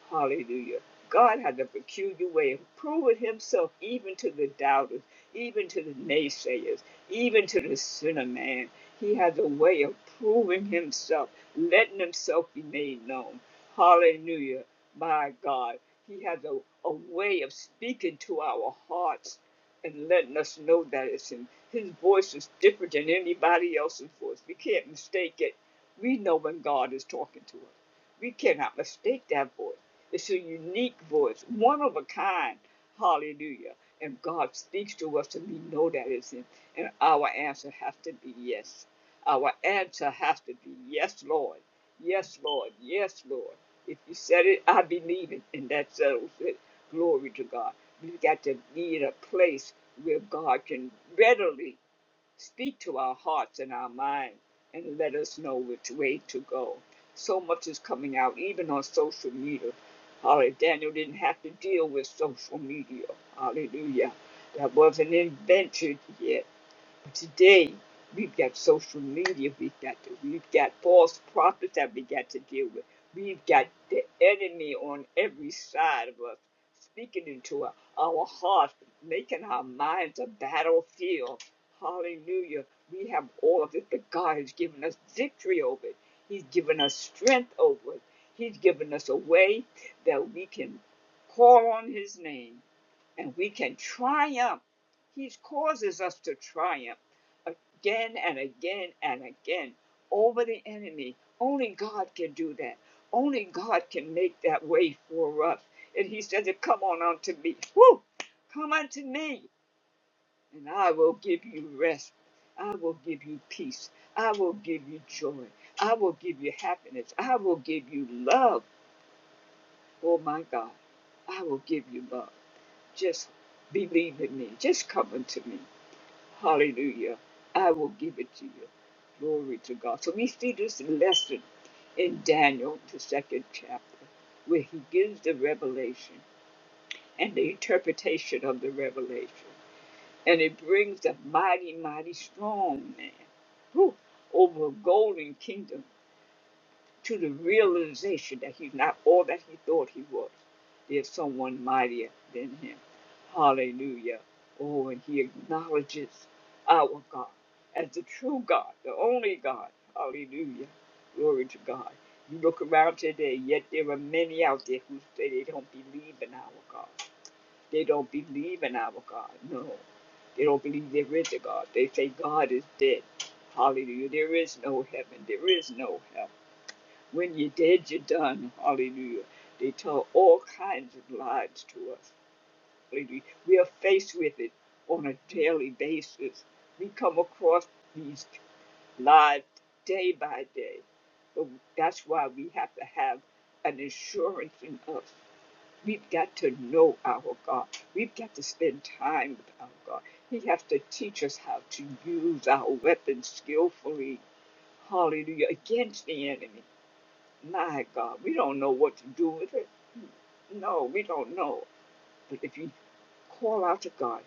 Hallelujah. God had a peculiar way of proving himself even to the doubters, even to the naysayers, even to the sinner man. He has a way of proving himself, letting himself be made known. Hallelujah. My God. He has a, a way of speaking to our hearts and letting us know that it's him. His voice is different than anybody else's voice. We can't mistake it. We know when God is talking to us. We cannot mistake that voice. It's a unique voice, one of a kind. Hallelujah. And God speaks to us, and we know that it's Him. And our answer has to be yes. Our answer has to be yes, Lord. Yes, Lord. Yes, Lord. If you said it, I believe it. And that settles it. Glory to God. We've got to be in a place where God can readily Speak to our hearts and our mind and let us know which way to go. So much is coming out, even on social media. Hallelujah! Daniel didn't have to deal with social media. Hallelujah. That wasn't invented yet today we've got social media we've got to, we've got false prophets that we got to deal with we've got the enemy on every side of us speaking into our, our hearts making our minds a battlefield hallelujah we have all of it but god has given us victory over it he's given us strength over it he's given us a way that we can call on his name and we can triumph. He causes us to triumph again and again and again over the enemy. Only God can do that. Only God can make that way for us. And He said come on unto me. Woo! Come unto me, and I will give you rest. I will give you peace. I will give you joy. I will give you happiness. I will give you love. Oh my God, I will give you love. Just believe in me. Just come unto me. Hallelujah. I will give it to you. Glory to God. So we see this lesson in Daniel, the second chapter, where he gives the revelation and the interpretation of the revelation. And it brings a mighty, mighty strong man who, over a golden kingdom to the realization that he's not all that he thought he was. There's someone mightier than him. Hallelujah. Oh, and he acknowledges our God as the true God, the only God. Hallelujah. Glory to God. You look around today, yet there are many out there who say they don't believe in our God. They don't believe in our God. No. They don't believe there is a God. They say God is dead. Hallelujah. There is no heaven. There is no hell. When you're dead, you're done. Hallelujah. They tell all kinds of lies to us. Hallelujah. We are faced with it on a daily basis. We come across these lies day by day. But that's why we have to have an assurance in us. We've got to know our God. We've got to spend time with our God. He has to teach us how to use our weapons skillfully. Hallelujah. Against the enemy. My God, we don't know what to do with it. No, we don't know. But if you call out to God,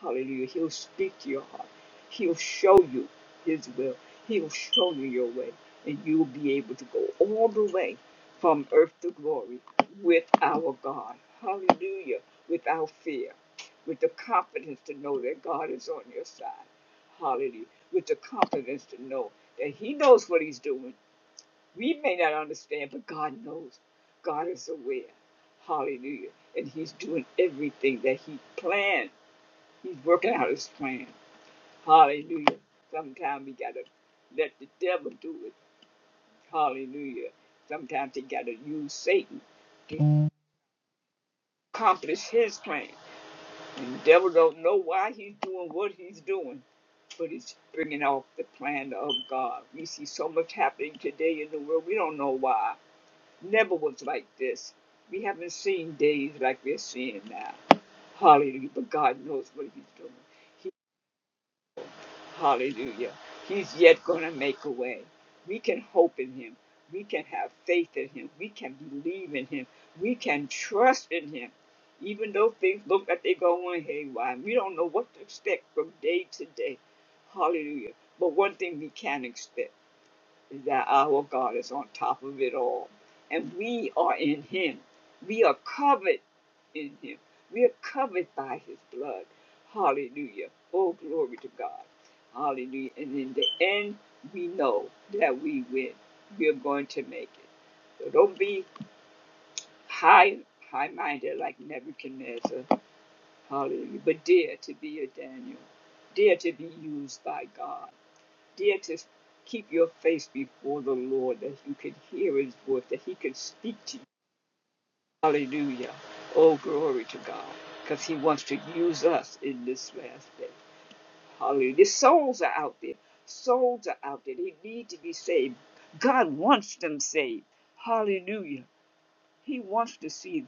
hallelujah, He'll speak to your heart. He'll show you His will. He'll show you your way. And you'll be able to go all the way from earth to glory with our God. Hallelujah. Without fear. With the confidence to know that God is on your side. Hallelujah. With the confidence to know that He knows what He's doing. We may not understand, but God knows. God is aware. Hallelujah. And He's doing everything that He planned. He's working out His plan. Hallelujah. Sometimes we got to let the devil do it. Hallelujah. Sometimes he got to use Satan to accomplish his plan. And the devil don't know why he's doing what he's doing but it's bringing off the plan of God. We see so much happening today in the world. We don't know why. never was like this. We haven't seen days like we're seeing now. Hallelujah. But God knows what He's doing. He, hallelujah. He's yet going to make a way. We can hope in Him. We can have faith in Him. We can believe in Him. We can trust in Him. Even though things look like they're going haywire, we don't know what to expect from day to day. Hallelujah. But one thing we can expect that our God is on top of it all. And we are in Him. We are covered in Him. We are covered by His blood. Hallelujah. Oh, glory to God. Hallelujah. And in the end, we know that we win. We are going to make it. So don't be high high minded like Nebuchadnezzar. Hallelujah. But dare to be a Daniel. Dare to be used by God. Dear, to keep your face before the Lord that you could hear his voice, that he could speak to you. Hallelujah. Oh, glory to God. Because he wants to use us in this last day. Hallelujah. The souls are out there. Souls are out there. They need to be saved. God wants them saved. Hallelujah. He wants to see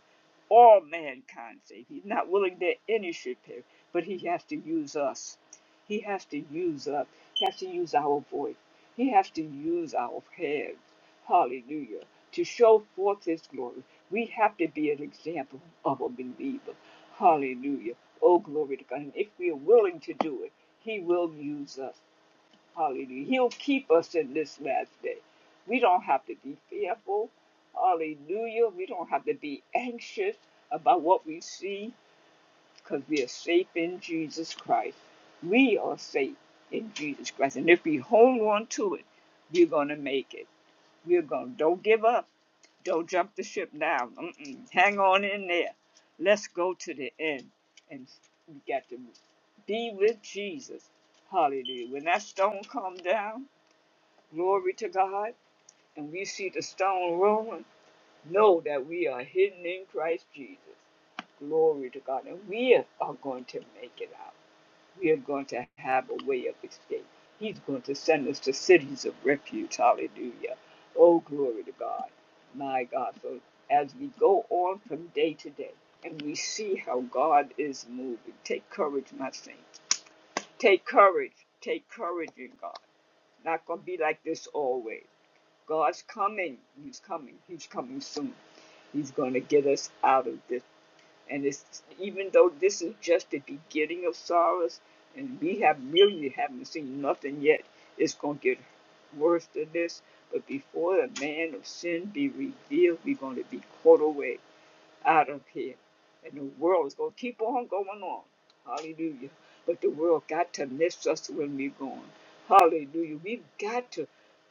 all mankind saved. He's not willing that any should perish, but he has to use us. He has to use us. He has to use our voice. He has to use our hands. Hallelujah. To show forth his glory, we have to be an example of a believer. Hallelujah. Oh, glory to God. And if we are willing to do it, he will use us. Hallelujah. He'll keep us in this last day. We don't have to be fearful. Hallelujah. We don't have to be anxious about what we see because we are safe in Jesus Christ. We are safe in Jesus Christ. And if we hold on to it, we're going to make it. We're going to, don't give up. Don't jump the ship now. Mm-mm. Hang on in there. Let's go to the end. And we got to be with Jesus. Hallelujah. When that stone come down, Glory to God. And we see the stone rolling. Know that we are hidden in Christ Jesus. Glory to God. And we are going to make it out. We are going to have a way of escape. He's going to send us to cities of refuge. Hallelujah. Oh, glory to God. My God. So as we go on from day to day and we see how God is moving, take courage, my saints. Take courage. Take courage in God. Not going to be like this always God's coming. He's coming. He's coming soon. He's going to get us out of this. And it's even though this is just the beginning of sorrows, and we have really haven't seen nothing yet, it's going to get worse than this. But before the man of sin be revealed, we're going to be caught away out of here. And the world is going to keep on going on. Hallelujah. But the world got to miss us when we're gone. Hallelujah. We've got to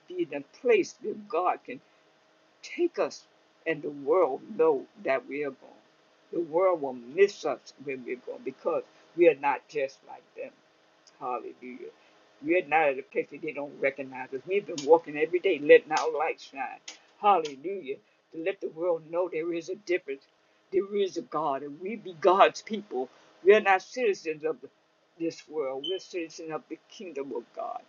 be in a place where God can Take us, and the world know that we are gone. The world will miss us when we're gone because we are not just like them. Hallelujah. We're not at a place that they don't recognize us. We've been walking every day, letting our light shine. Hallelujah. To let the world know there is a difference. There is a God, and we be God's people. We are not citizens of this world. We're citizens of the kingdom of God.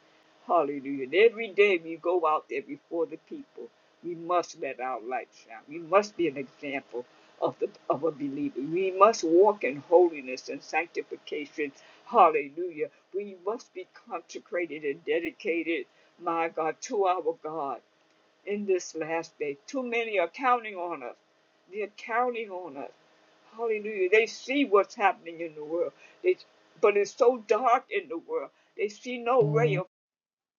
Hallelujah. And every day we go out there before the people, we must let our light shine. We must be an example of the of a believer. We must walk in holiness and sanctification. Hallelujah we must be consecrated and dedicated, my God, to our God in this last day. Too many are counting on us. They're counting on us. Hallelujah. They see what's happening in the world. They, but it's so dark in the world. They see no ray of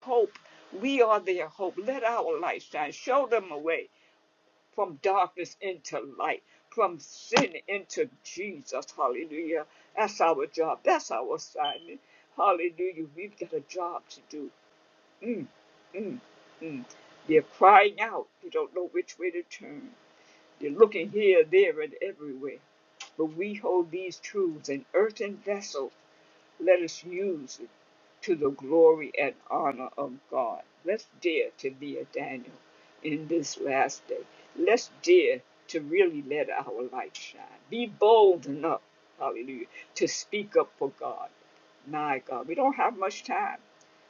hope. We are their hope. Let our light shine. Show them a way from darkness into light, from sin into Jesus. Hallelujah. That's our job. That's our assignment. Hallelujah. We've got a job to do. Mm, mm, mm. They're crying out. They don't know which way to turn. They're looking here, there, and everywhere. But we hold these truths in earthen vessels let us use it to the glory and honor of God. Let's dare to be a Daniel in this last day. Let's dare to really let our light shine. Be bold enough, hallelujah, to speak up for God. My God, we don't have much time.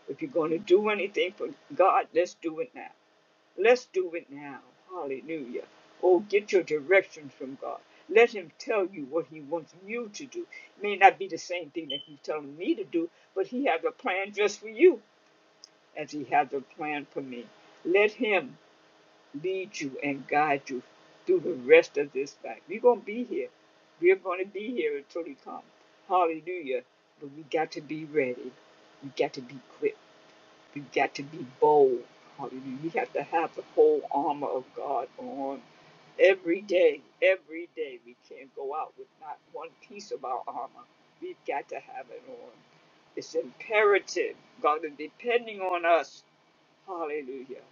If you're going to do anything for God, let's do it now. Let's do it now. Hallelujah. Oh, get your directions from God. Let Him tell you what He wants you to do. It may not be the same thing that He's telling me to do, but He has a plan just for you as He has a plan for me. Let Him lead you and guide you through the rest of this life. We're going to be here. We're going to be here until He comes. Hallelujah. But we got to be ready. We got to be equipped you got to be bold. Hallelujah. You have to have the whole armor of God on every day. Every day. We can't go out with not one piece of our armor. We've got to have it on. It's imperative. God is depending on us Hallelujah.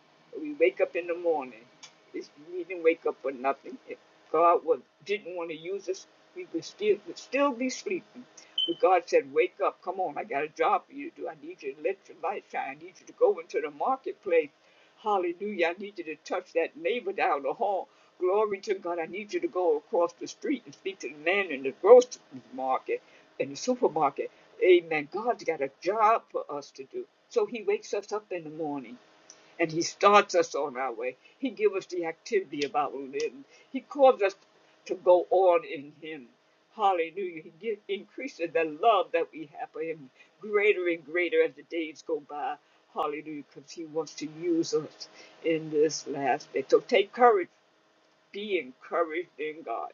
We wake up in the morning. It's, we didn't wake up for nothing. If God was, didn't want to use us, we would still, would still be sleeping. But God said, Wake up. Come on. I got a job for you to do. I need you to let your light shine. I need you to go into the marketplace. Hallelujah. I need you to touch that neighbor down the hall. Glory to God. I need you to go across the street and speak to the man in the grocery market, in the supermarket. Amen. God's got a job for us to do. So he wakes us up in the morning and he starts us on our way. He gives us the activity of our living. He calls us to go on in him. Hallelujah. He give, increases the love that we have for him greater and greater as the days go by. Hallelujah, because he wants to use us in this last day. So take courage. Be encouraged in God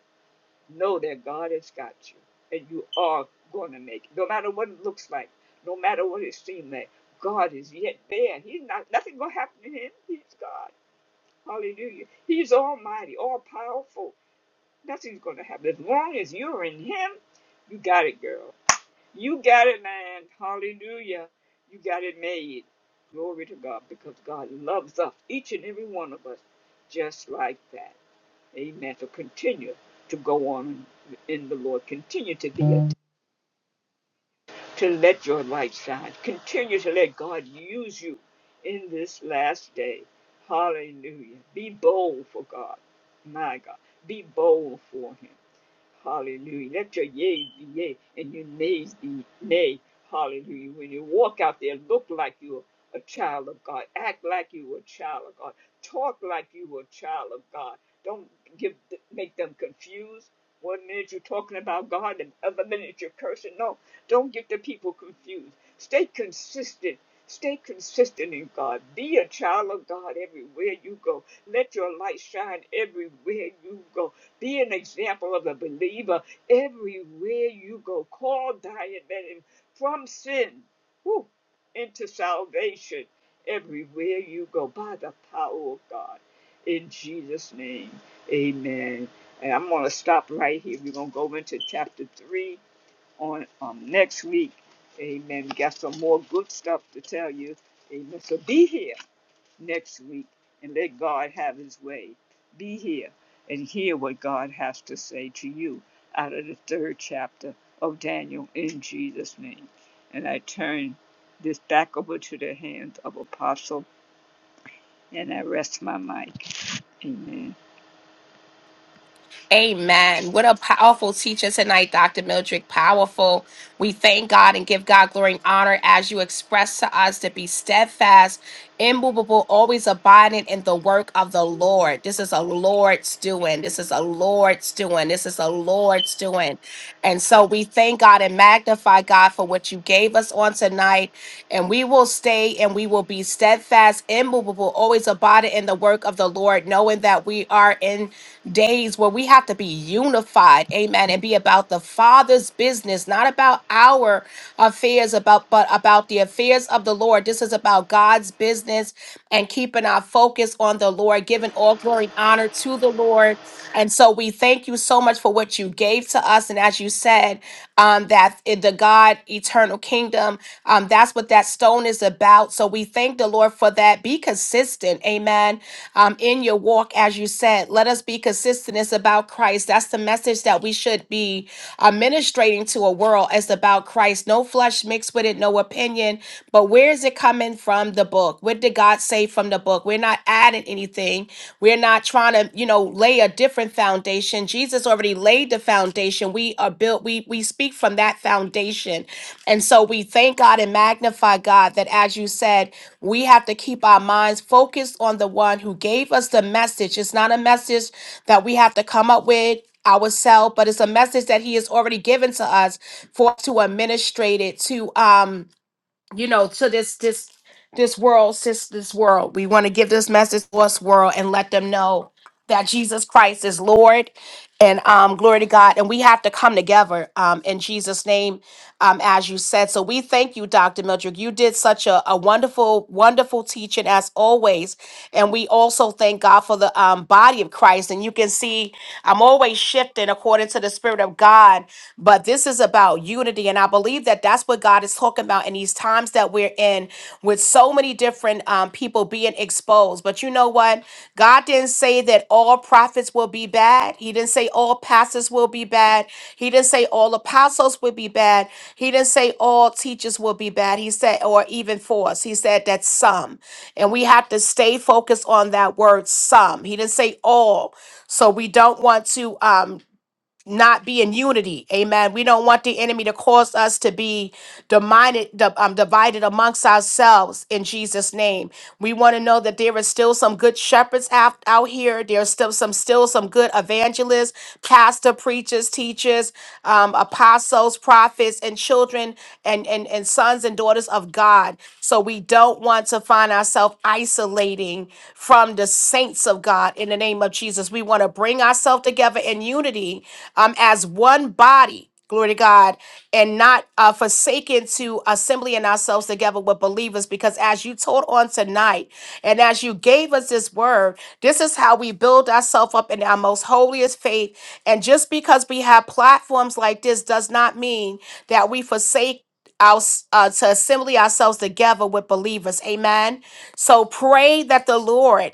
know that God has got you and you are going to make it. No matter what it looks like, no matter what it seems like, God is yet there. And He's not nothing gonna happen to him. He's God. Hallelujah. He's almighty, all powerful. Nothing's gonna happen. As long as you're in him, you got it, girl. You got it, man. Hallelujah. You got it made. Glory to God, because God loves us, each and every one of us, just like that. Amen. So continue to go on in the Lord. Continue to be a, to let your light shine. Continue to let God use you in this last day. Hallelujah. Be bold for God. My God. Be bold for him. Hallelujah. Let your yea be yea and your nays be nay. Hallelujah. When you walk out there, look like you're a child of God. Act like you're a child of God. Talk like you're a child of God. Don't give make them confused. One minute you're talking about God, and the other minute you're cursing. No, don't get the people confused. Stay consistent. Stay consistent in God. Be a child of God everywhere you go. Let your light shine everywhere you go. Be an example of a believer everywhere you go. Call Diane from sin whew, into salvation everywhere you go by the power of God. In Jesus' name, amen. And I'm going to stop right here. We're going to go into chapter 3 on um, next week. Amen. We got some more good stuff to tell you. Amen. So be here next week and let God have his way. Be here and hear what God has to say to you out of the third chapter of Daniel in Jesus' name. And I turn this back over to the hands of Apostle and I rest my mic. Amen.
Amen. What a powerful teacher tonight, Dr. Mildred. Powerful. We thank God and give God glory and honor as you express to us to be steadfast, immovable, always abiding in the work of the Lord. This is a Lord's doing. This is a Lord's doing. This is a Lord's doing. And so we thank God and magnify God for what you gave us on tonight. And we will stay and we will be steadfast, immovable, always abiding in the work of the Lord, knowing that we are in days where we have to be unified amen and be about the father's business not about our affairs about but about the affairs of the lord this is about god's business and keeping our focus on the lord giving all glory and honor to the lord and so we thank you so much for what you gave to us and as you said um, that in the god eternal kingdom um, that's what that stone is about so we thank the lord for that be consistent amen um, in your walk, as you said. Let us be consistent. It's about Christ. That's the message that we should be administrating to a world. It's about Christ. No flesh mixed with it, no opinion. But where is it coming from the book? What did God say from the book? We're not adding anything. We're not trying to, you know, lay a different foundation. Jesus already laid the foundation. We are built, we we speak from that foundation. And so we thank God and magnify God that as you said, we have to keep our minds focused on the one who gave us the message. It's not a message that we have to come up with ourselves, but it's a message that he has already given to us for us to administrate it, to um you know, to this this this world, sis, this world. We want to give this message to us world and let them know that Jesus Christ is Lord and um glory to God. And we have to come together um in Jesus' name, um, as you said. So we thank you, Dr. Mildred. You did such a, a wonderful, wonderful teaching as always. And we also thank God for the um body of Christ. And you can see I'm always shifting according to the Spirit of God but this is about unity. And I believe that that's what God is talking about in these times that we're in with so many different um, people being exposed. But you know what? God didn't say that all prophets will be bad. He didn't say all pastors will be bad. He didn't say all apostles will be bad. He didn't say all teachers will be bad. He said, or even force. He said that some. And we have to stay focused on that word some. He didn't say all. So we don't want to. Um, not be in unity. Amen. We don't want the enemy to cause us to be divided, di- um, divided amongst ourselves in Jesus' name. We want to know that there is still some good shepherds out, out here. There's still some still some good evangelists, pastor, preachers, teachers, um, apostles, prophets, and children and, and, and sons and daughters of God. So we don't want to find ourselves isolating from the saints of God in the name of Jesus. We want to bring ourselves together in unity um, as one body. Glory to God, and not uh, forsaken to assembling ourselves together with believers, because as you told on tonight, and as you gave us this word, this is how we build ourselves up in our most holiest faith. And just because we have platforms like this does not mean that we forsake our, uh, to assembly ourselves together with believers. Amen. So pray that the Lord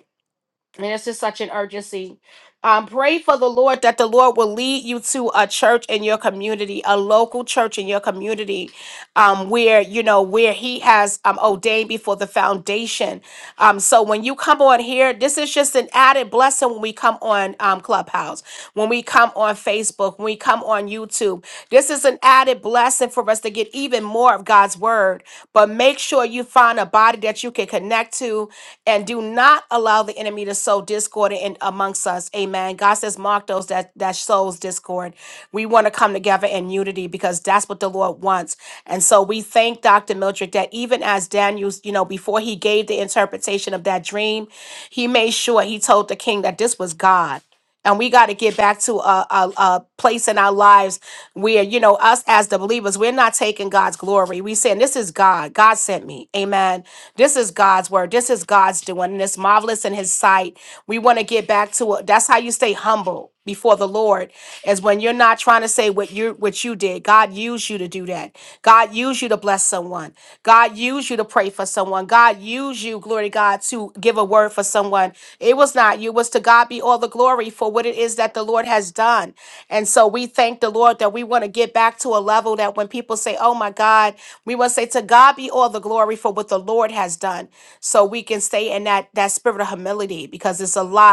and it's just such an urgency. Um, pray for the Lord that the Lord will lead you to a church in your community, a local church in your community, um, where you know where He has um, ordained before the foundation. Um, so when you come on here, this is just an added blessing when we come on um, Clubhouse, when we come on Facebook, when we come on YouTube. This is an added blessing for us to get even more of God's word. But make sure you find a body that you can connect to and do not allow the enemy to sow discord in amongst us. Amen. God says, mark those that that sows discord. We want to come together in unity because that's what the Lord wants. And so we thank Dr. Mildred that even as Daniel, you know, before he gave the interpretation of that dream, he made sure he told the king that this was God. And we got to get back to a, a, a place in our lives where, you know, us as the believers, we're not taking God's glory. We saying, this is God. God sent me. Amen. This is God's word. This is God's doing. And it's marvelous in his sight. We want to get back to it. That's how you stay humble before the Lord is when you're not trying to say what you what you did. God used you to do that. God used you to bless someone. God used you to pray for someone. God used you, glory to God, to give a word for someone. It was not you. It was to God be all the glory for what it is that the Lord has done. And so we thank the Lord that we want to get back to a level that when people say, "Oh my God," we want to say, "To God be all the glory for what the Lord has done." So we can stay in that that spirit of humility because it's a lot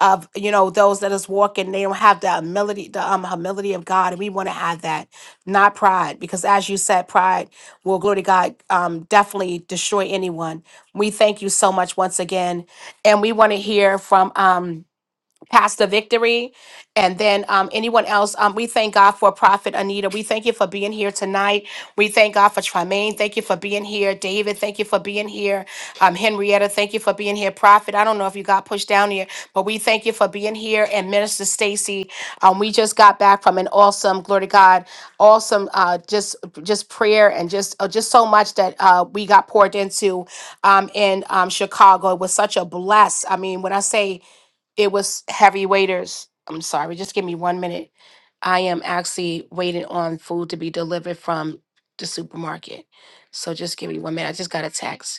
of you know those that is walking they don't have the humility the um, humility of god and we want to have that not pride because as you said pride will glory to god um, definitely destroy anyone we thank you so much once again and we want to hear from um, Pastor Victory, and then um, anyone else. Um, we thank God for Prophet Anita. We thank you for being here tonight. We thank God for Tremaine. Thank you for being here. David, thank you for being here. Um, Henrietta, thank you for being here. Prophet, I don't know if you got pushed down here, but we thank you for being here. And Minister Stacy, um, we just got back from an awesome, glory to God, awesome, uh, just just prayer and just uh, just so much that uh, we got poured into um, in um, Chicago. It was such a bless. I mean, when I say it was heavy waiters. I'm sorry, just give me one minute. I am actually waiting on food to be delivered from the supermarket. So just give me one minute. I just got a text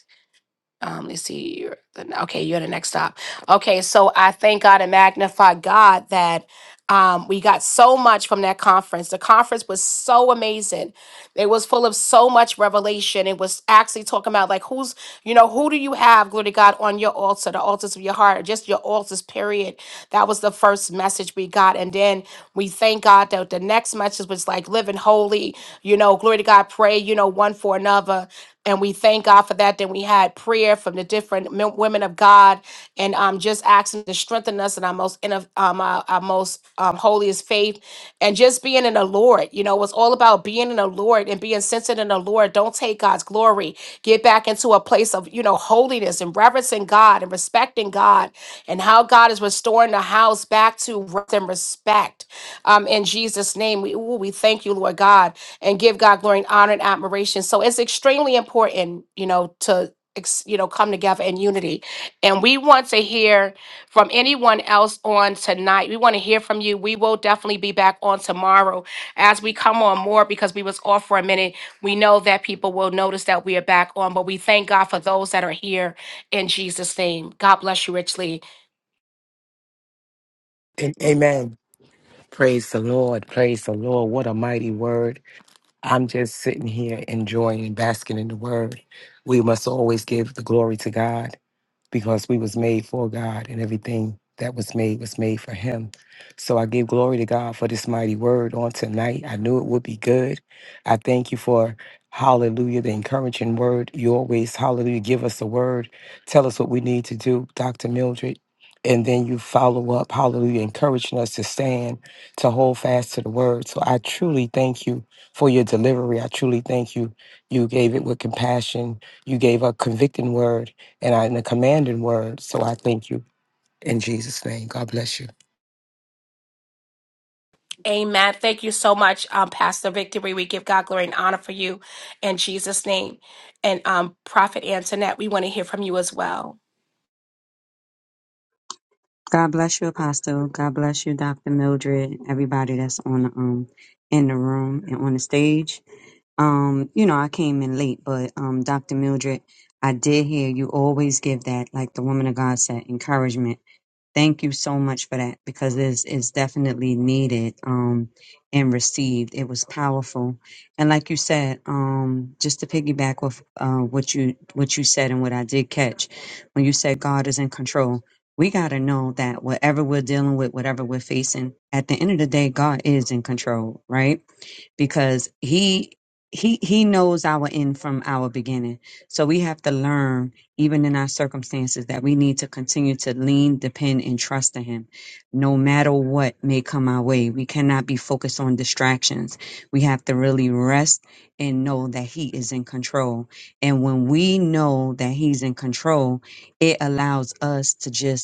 um let's see you're the- okay you're the next stop okay so i thank god and magnify god that um, we got so much from that conference the conference was so amazing it was full of so much revelation it was actually talking about like who's you know who do you have glory to god on your altar the altars of your heart or just your altars period that was the first message we got and then we thank god that the next message was like living holy you know glory to god pray you know one for another and we thank God for that. Then we had prayer from the different men, women of God, and um, just asking to strengthen us in our most in of- um, our, our most um, holiest faith, and just being in the Lord. You know, it's all about being in the Lord and being sensitive in the Lord. Don't take God's glory. Get back into a place of you know holiness and reverencing God and respecting God, and how God is restoring the house back to rest and respect. Um, in Jesus' name, we ooh, we thank you, Lord God and give God glory and honor and admiration. So it's extremely important, you know, to ex- you know come together in unity. And we want to hear from anyone else on tonight. We want to hear from you. We will definitely be back on tomorrow as we come on more because we was off for a minute. We know that people will notice that we are back on, but we thank God for those that are here in Jesus' name. God bless you richly.
And amen. Praise the Lord. Praise the Lord. What a mighty word. I'm just sitting here enjoying and basking in the word. We must always give the glory to God because we was made for God and everything that was made was made for him. So I give glory to God for this mighty word on tonight. I knew it would be good. I thank you for hallelujah, the encouraging word. You always hallelujah give us a word. Tell us what we need to do, Dr. Mildred. And then you follow up, hallelujah, encouraging us to stand, to hold fast to the word. So I truly thank you for your delivery. I truly thank you. You gave it with compassion. You gave a convicting word and I in the commanding word. So I thank you in Jesus' name. God bless you.
Amen. Thank you so much, um, Pastor Victory. We give God glory and honor for you in Jesus' name. And um, Prophet Antoinette, we want to hear from you as well.
God bless you, Apostle. God bless you, Dr. Mildred, everybody that's on the um in the room and on the stage. Um, you know, I came in late, but um Dr. Mildred, I did hear you always give that, like the woman of God said, encouragement. Thank you so much for that because it's, it's definitely needed um, and received. It was powerful, and like you said, um, just to piggyback with uh, what you what you said and what I did catch when you said God is in control. We got to know that whatever we're dealing with, whatever we're facing, at the end of the day, God is in control, right? because he he he knows our end from our beginning so we have to learn even in our circumstances that we need to continue to lean depend and trust in him no matter what may come our way we cannot be focused on distractions we have to really rest and know that he is in control and when we know that he's in control it allows us to just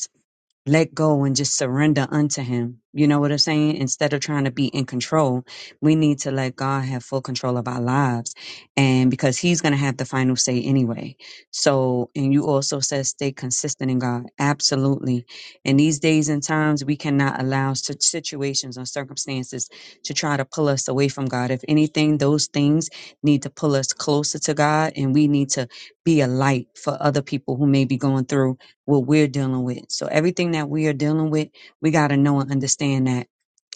let go and just surrender unto him. You know what I'm saying? Instead of trying to be in control, we need to let God have full control of our lives. And because he's going to have the final say anyway. So, and you also said stay consistent in God. Absolutely. In these days and times, we cannot allow such situations or circumstances to try to pull us away from God. If anything, those things need to pull us closer to God and we need to be a light for other people who may be going through what we're dealing with. So everything that we are dealing with, we got to know and understand that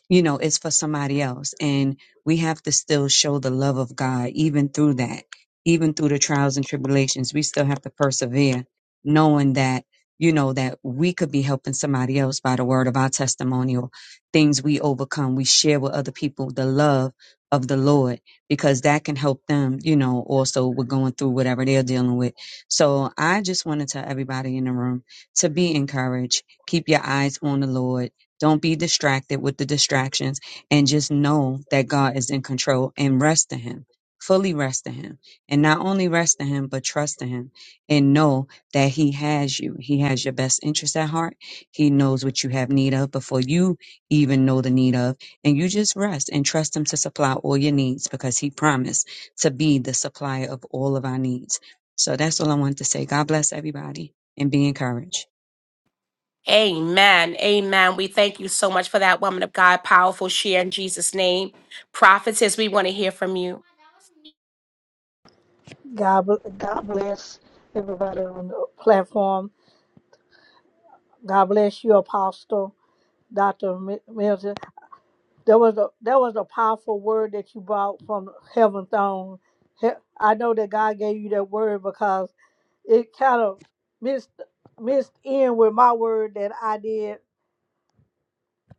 you know, it's for somebody else. And we have to still show the love of God even through that, even through the trials and tribulations. We still have to persevere, knowing that, you know, that we could be helping somebody else by the word of our testimonial, things we overcome. We share with other people the love of the Lord because that can help them, you know, also with going through whatever they're dealing with. So I just want to tell everybody in the room to be encouraged. Keep your eyes on the Lord don't be distracted with the distractions and just know that God is in control and rest in Him. Fully rest in Him. And not only rest in Him, but trust in Him and know that He has you. He has your best interest at heart. He knows what you have need of before you even know the need of. And you just rest and trust Him to supply all your needs because He promised to be the supplier of all of our needs. So that's all I wanted to say. God bless everybody and be encouraged.
Amen. Amen. We thank you so much for that woman of God, powerful share in Jesus' name. Prophetess, we want to hear from you.
God, bl- God bless everybody on the platform. God bless you, Apostle Doctor Mi- Milton. There was a there was a powerful word that you brought from heaven throne. He- I know that God gave you that word because it kind of missed missed in with my word that I did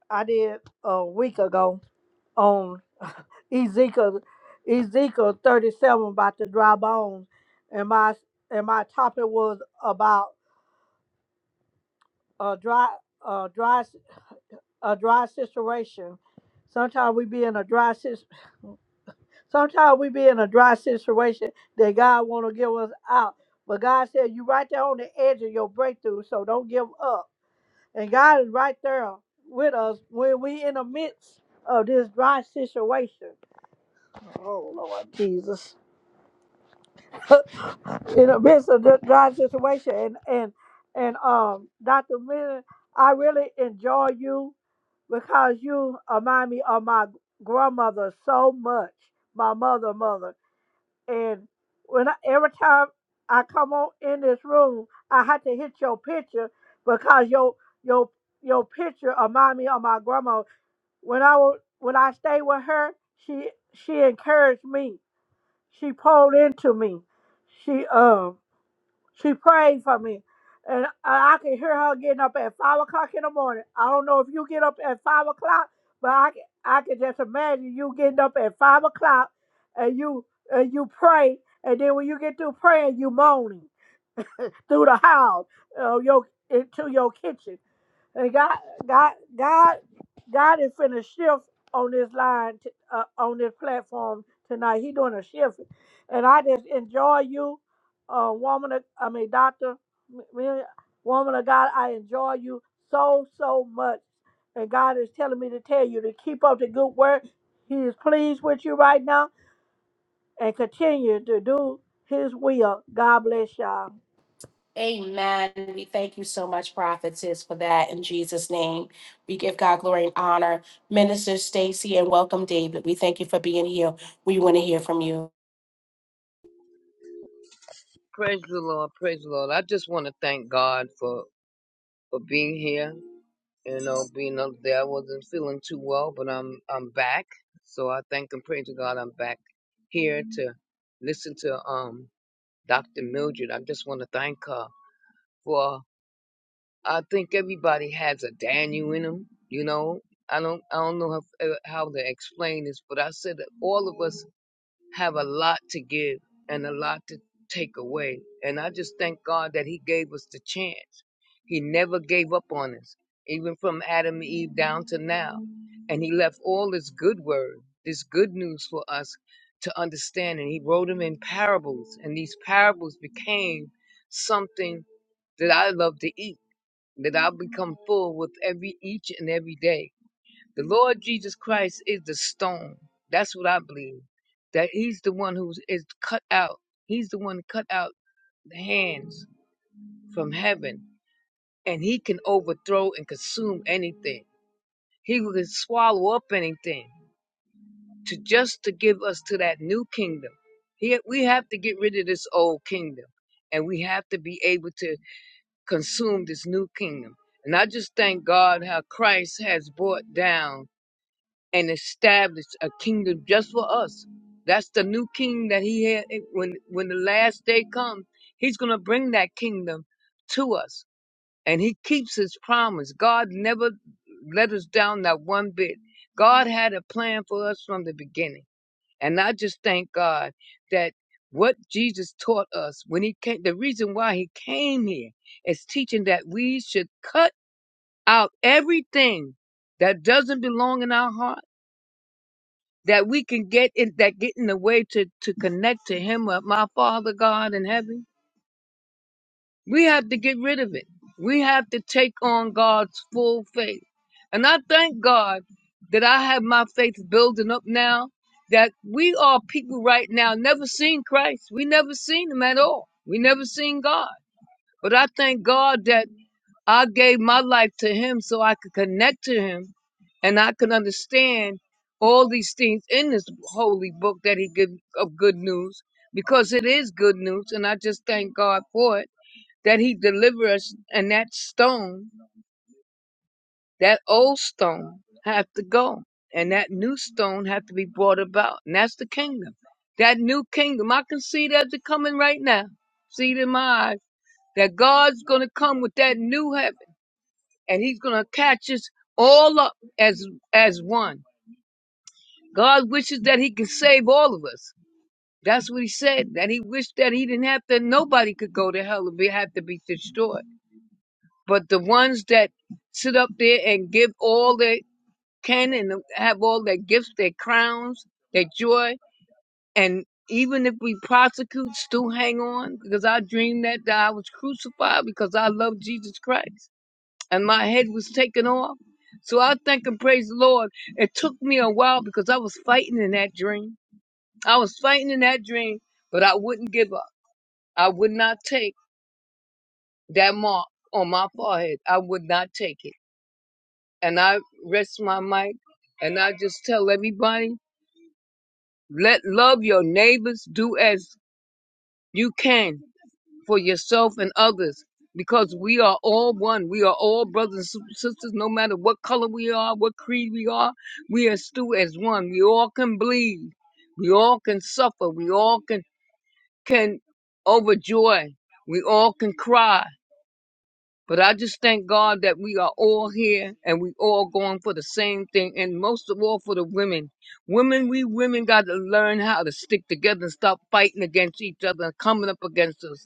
I did a week ago on Ezekiel Ezekiel thirty seven about the dry bones, and my and my topic was about. a dry a dry a dry situation. Sometimes we be in a dry situation. Sometimes we be in a dry situation that God want to give us out. But God said you right there on the edge of your breakthrough, so don't give up. And God is right there with us when we in the midst of this dry situation. Oh Lord Jesus. in the midst of this dry situation and and and um Dr. Miller, I really enjoy you because you remind me of my grandmother so much, my mother, mother. And when I, every time I come on in this room, I had to hit your picture because your your your picture remind me of my grandma. When I wa- when I stayed with her, she she encouraged me. She pulled into me. She um she prayed for me. And I I could hear her getting up at five o'clock in the morning. I don't know if you get up at five o'clock, but I can, I can just imagine you getting up at five o'clock and you and you pray, and then when you get through praying, you moaning through the house, uh, your into your kitchen. And God, God, God, God is finna shift on this line, t- uh, on this platform tonight. He doing a shift, and I just enjoy you, uh, woman. Of, I mean, doctor, m- me- woman of God. I enjoy you so so much, and God is telling me to tell you to keep up the good work. He is pleased with you right now, and continue to do His will. God bless y'all.
Amen. We thank you so much, prophetess, for that in Jesus' name. We give God glory and honor. Minister Stacy and welcome David. We thank you for being here. We want to hear from you.
Praise the Lord, praise the Lord. I just want to thank God for for being here. You know, being up there, I wasn't feeling too well, but I'm I'm back. So I thank and praise to God I'm back here to listen to um Dr. Mildred. I just want to thank her for I think everybody has a Daniel in them. You know, I don't I don't know how, how to explain this, but I said that all of us have a lot to give and a lot to take away. And I just thank God that He gave us the chance. He never gave up on us, even from Adam and Eve down to now. And He left all this good word, this good news for us to understand. And He wrote them in parables. And these parables became something that I love to eat, that I become full with every each and every day. The Lord Jesus Christ is the stone. That's what I believe. That he's the one who is cut out. He's the one cut out the hands from heaven. And he can overthrow and consume anything. He can swallow up anything to just to give us to that new kingdom. He, we have to get rid of this old kingdom. And we have to be able to consume this new kingdom. And I just thank God how Christ has brought down and establish a kingdom just for us. That's the new king that he had. It- When when the last day comes, he's gonna bring that kingdom to us, and he keeps his promise. God never let us down that one bit. God had a plan for us from the beginning, and I just thank God that what Jesus taught us when he came. The reason why he came here is teaching that we should cut out everything that doesn't belong in our heart that we can get in that get in the way to to connect to him uh, my father god in heaven we have to get rid of it we have to take on god's full faith and i thank god that i have my faith building up now that we are people right now never seen christ we never seen him at all we never seen god but i thank god that I gave my life to him so I could connect to him and I could understand all these things in this holy book that he give of good news because it is good news and I just thank God for it that he deliver us and that stone that old stone have to go and that new stone have to be brought about and that's the kingdom that new kingdom I can see that they're coming right now see it in my eyes that God's going to come with that new heaven and he's going to catch us all up as as one. God wishes that he could save all of us. That's what he said. That he wished that he didn't have to. Nobody could go to hell and be have to be destroyed. But the ones that sit up there and give all they can and have all their gifts, their crowns, their joy, and even if we prosecute, still hang on because I dreamed that, that I was crucified because I love Jesus Christ. and my head was taken off. So I thank and praise the Lord. It took me a while because I was fighting in that dream. I was fighting in that dream, but I wouldn't give up. I would not take that mark on my forehead. I would not take it. And I rest my mic and I just tell everybody, let love your neighbors do as you can for yourself and others because we are all one. We are all brothers and sisters, no matter what color we are, what creed we are, we are still as one. We all can bleed. We all can suffer. We all can, can overjoy. We all can cry but I just thank God that we are all here and we all going for the same thing, and most of all for the women. Women, we women got to learn how to stick together and stop fighting against each other and coming up against us,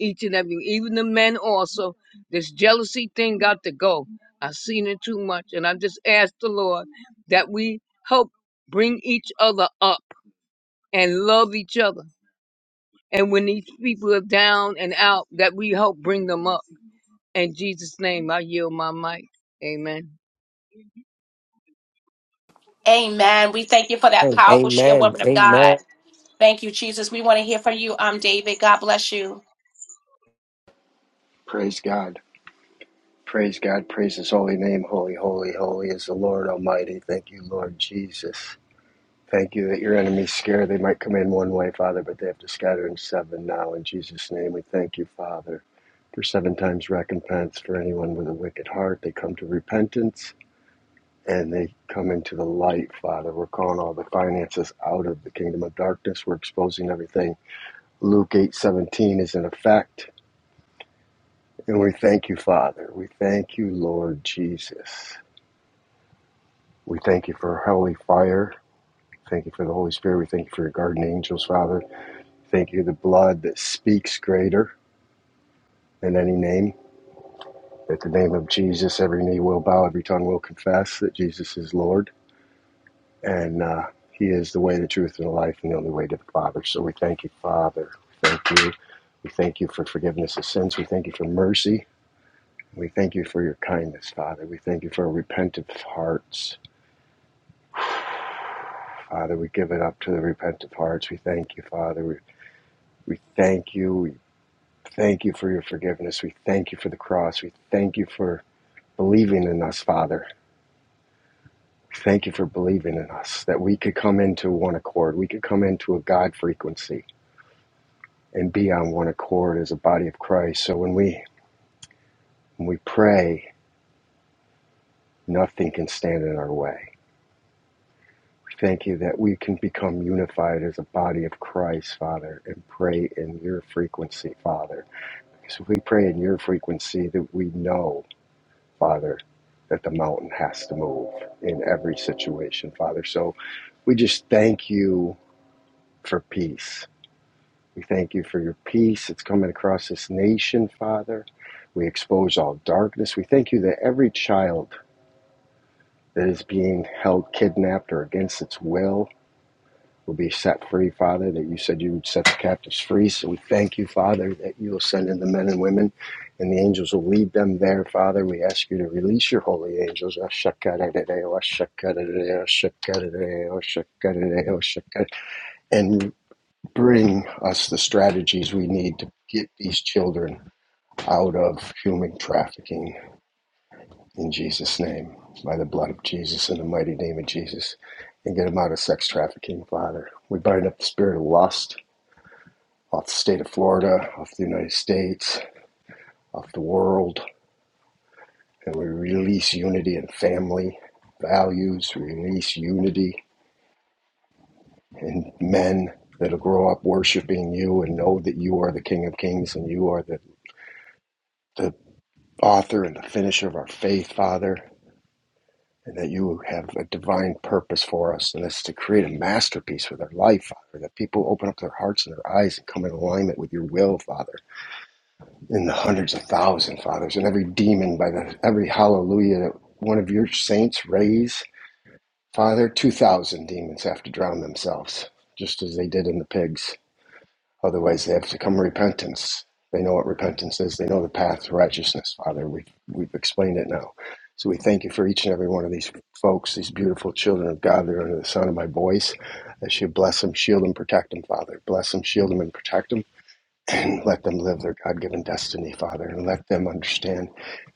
each and every, even the men also. This jealousy thing got to go. I've seen it too much, and I just ask the Lord that we help bring each other up and love each other. And when these people are down and out, that we help bring them up in Jesus' name, I yield my mic. Amen.
Amen. We thank you for that powerful share,
Amen.
woman of
Amen.
God. Thank you, Jesus. We want to hear from you. I'm David. God bless you.
Praise God. Praise God. Praise His holy name. Holy, holy, holy is the Lord Almighty. Thank you, Lord Jesus. Thank you that your enemies scare. They might come in one way, Father, but they have to scatter in seven now. In Jesus' name, we thank you, Father, for seven times recompense for anyone with a wicked heart. They come to repentance and they come into the light, Father. We're calling all the finances out of the kingdom of darkness. We're exposing everything. Luke eight seventeen is in effect. And we thank you, Father. We thank you, Lord Jesus. We thank you for holy fire. Thank you for the Holy Spirit. We thank you for your guardian angels, Father. Thank you, for the blood that speaks greater than any name. At the name of Jesus, every knee will bow, every tongue will confess that Jesus is Lord. And uh, he is the way, the truth, and the life, and the only way to the Father. So we thank you, Father. Thank you. We thank you for forgiveness of sins. We thank you for mercy. We thank you for your kindness, Father. We thank you for our repentant hearts. Father, we give it up to the repentant hearts. We thank you, Father. We, we thank you. We thank you for your forgiveness. We thank you for the cross. We thank you for believing in us, Father. We Thank you for believing in us, that we could come into one accord. We could come into a God frequency and be on one accord as a body of Christ. So when we when we pray, nothing can stand in our way. We thank you that we can become unified as a body of Christ, Father, and pray in your frequency, Father So we pray in your frequency that we know, Father, that the mountain has to move in every situation, Father. So we just thank you for peace. We thank you for your peace. that's coming across this nation, Father. We expose all darkness. We thank you that every child that is being held kidnapped or against its will will be set free, Father, that you said you would set the captives free. So we thank you, Father, that you will send in the men and women and the angels will lead them there, Father. We ask you to release your holy angels. And bring us the strategies we need to get these children out of human trafficking in Jesus' name, by the blood of Jesus, in the mighty name of Jesus, and get them out of sex trafficking, Father. We bind up the spirit of lust off the state of Florida, off the United States, off the world. And we release unity in family values, release unity in men that'll grow up worshiping you and know that you are the King of Kings and you are the, the author and the finisher of our faith, Father, and that you have a divine purpose for us, and it's to create a masterpiece with our life, Father, that people open up their hearts and their eyes and come in alignment with your will, Father in the hundreds of thousands, fathers and every demon by the every hallelujah that one of your saints raise father 2000 demons have to drown themselves just as they did in the pigs otherwise they have to come repentance they know what repentance is they know the path to righteousness father we, have we've explained it now so we thank you for each and every one of these folks these beautiful children of god that are under the sound of my voice that you bless them shield them protect them father bless them shield them and protect them and let them live their God given destiny, Father, and let them understand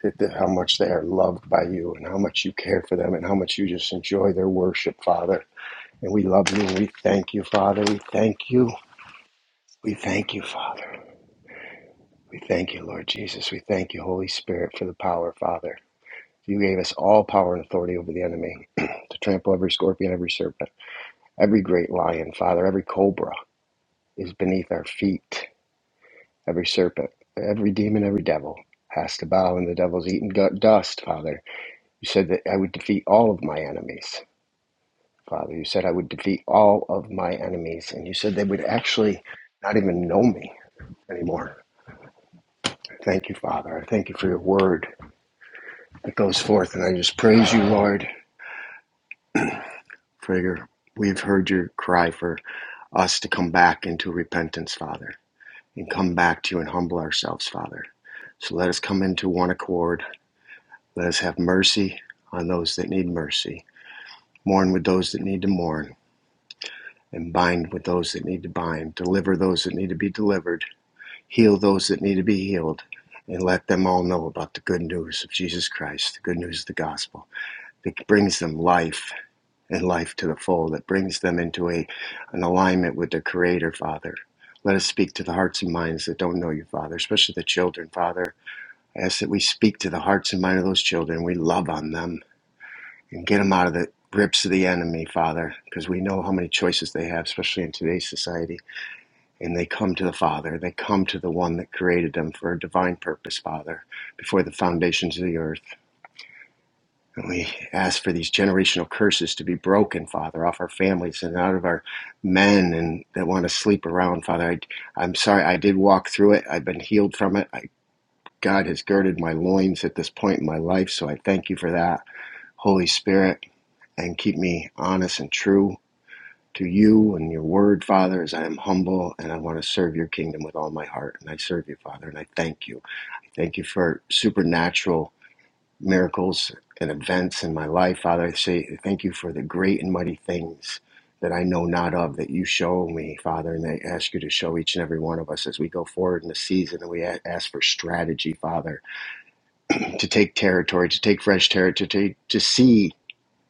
that, that how much they are loved by you and how much you care for them and how much you just enjoy their worship, Father. And we love you and we thank you, Father. We thank you. We thank you, Father. We thank you, Lord Jesus. We thank you, Holy Spirit, for the power, Father. You gave us all power and authority over the enemy to trample every scorpion, every serpent, every great lion, Father, every cobra is beneath our feet. Every serpent, every demon, every devil has to bow and the devil's eaten gut dust, Father. You said that I would defeat all of my enemies, Father. You said I would defeat all of my enemies, and you said they would actually not even know me anymore. Thank you, Father. I thank you for your word that goes forth, and I just praise you, Lord, for your. We've heard your cry for us to come back into repentance, Father, and come back to you and humble ourselves, Father. So let us come into one accord Let us have mercy on those that need mercy, mourn with those that need to mourn, and bind with those that need to bind, deliver those that need to be delivered, heal those that need to be healed, and let them all know about the good news of Jesus Christ, the good news of the gospel that brings them life and life to the full, that brings them into a, an alignment with their Creator, Father. Let us speak to the hearts and minds that don't know you, Father, especially the children, Father. I ask that we speak to the hearts and minds of those children. We love on them. and get them out of the grips of the enemy, Father, because we know how many choices they have, especially in today's society. And they come to the Father, they come to the one that created them for a divine purpose, Father, before the foundations of the earth. And we ask for these generational curses to be broken, Father, off our families and out of our men and that want to sleep around, Father. I, I'm sorry, I did walk through it. I've been healed from it. I, God has girded my loins at this point in my life, so I thank you for that. Holy Spirit, and keep me honest and true to you and your word, Father, as I am humble and I want to serve your kingdom with all my heart. And I serve you, Father, and I thank you. Thank you for supernatural miracles and events in my life, Father. I say thank you for the great and mighty things that I know not of that you show me, Father. And I ask you to show each and every one of us as we go forward in the season. And we a- ask for strategy, Father, to take territory, to take fresh territory, to, to see,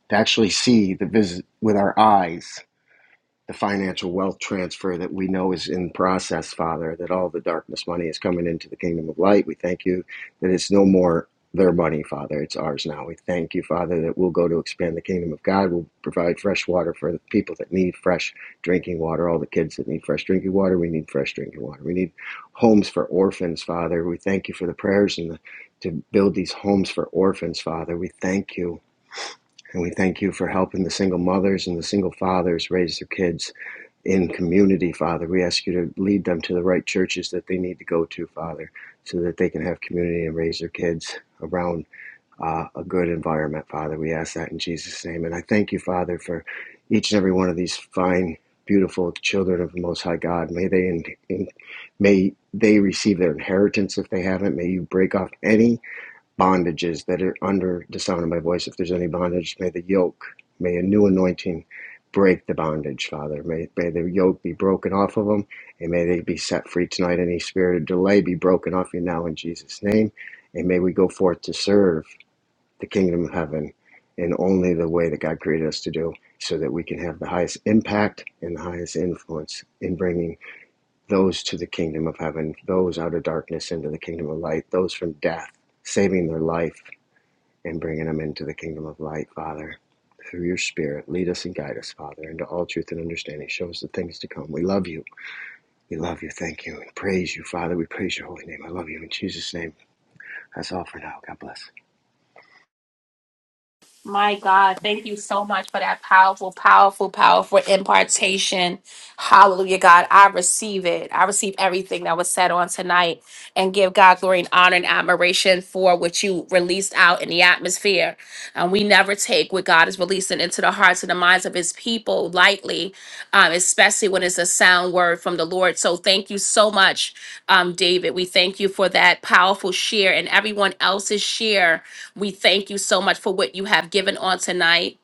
to actually see the visit with our eyes the financial wealth transfer that we know is in process, Father, that all the darkness money is coming into the kingdom of light. We thank you that it's no more their money, Father. It's ours now. We thank you, Father, that we'll go to expand the kingdom of God. We'll provide fresh water for the people that need fresh drinking water, all the kids that need fresh drinking water. We need fresh drinking water. We need homes for orphans, Father. We thank you for the prayers and the, to build these homes for orphans, Father. We thank you. And we thank you for helping the single mothers and the single fathers raise their kids in community, Father. We ask you to lead them to the right churches that they need to go to, Father, so that they can have community and raise their kids around uh, a good environment, Father. We ask that in Jesus' name. And I thank you, Father, for each and every one of these fine, beautiful children of the Most High God. May they in, in, may they receive their inheritance if they haven't. May you break off any bondages that are under the sound of my voice. If there's any bondage, may the yoke, may a new anointing break the bondage, Father. May, may the yoke be broken off of them and may they be set free tonight. Any spirit of delay be broken off you now in Jesus' name. And may we go forth to serve the kingdom of heaven in only the way that God created us to do so that we can have the highest impact and the highest influence in bringing those to the kingdom of heaven, those out of darkness into the kingdom of light, those from death, saving their life and bringing them into the kingdom of light, Father. Through your Spirit, lead us and guide us, Father, into all truth and understanding. Show us the things to come. We love you. We love you. Thank you. We praise you, Father. We praise your holy name. I love you. In Jesus' name, that's all for now. God bless.
My God, thank you so much for that powerful, powerful, powerful impartation. Hallelujah, God. I receive it. I receive everything that was said on tonight and give God glory and honor and admiration for what you released out in the atmosphere. And we never take what God is releasing into the hearts and the minds of his people lightly, um, especially when it's a sound word from the Lord. So thank you so much, um, David. We thank you for that powerful share and everyone else's share we thank you so much for what you have given on tonight.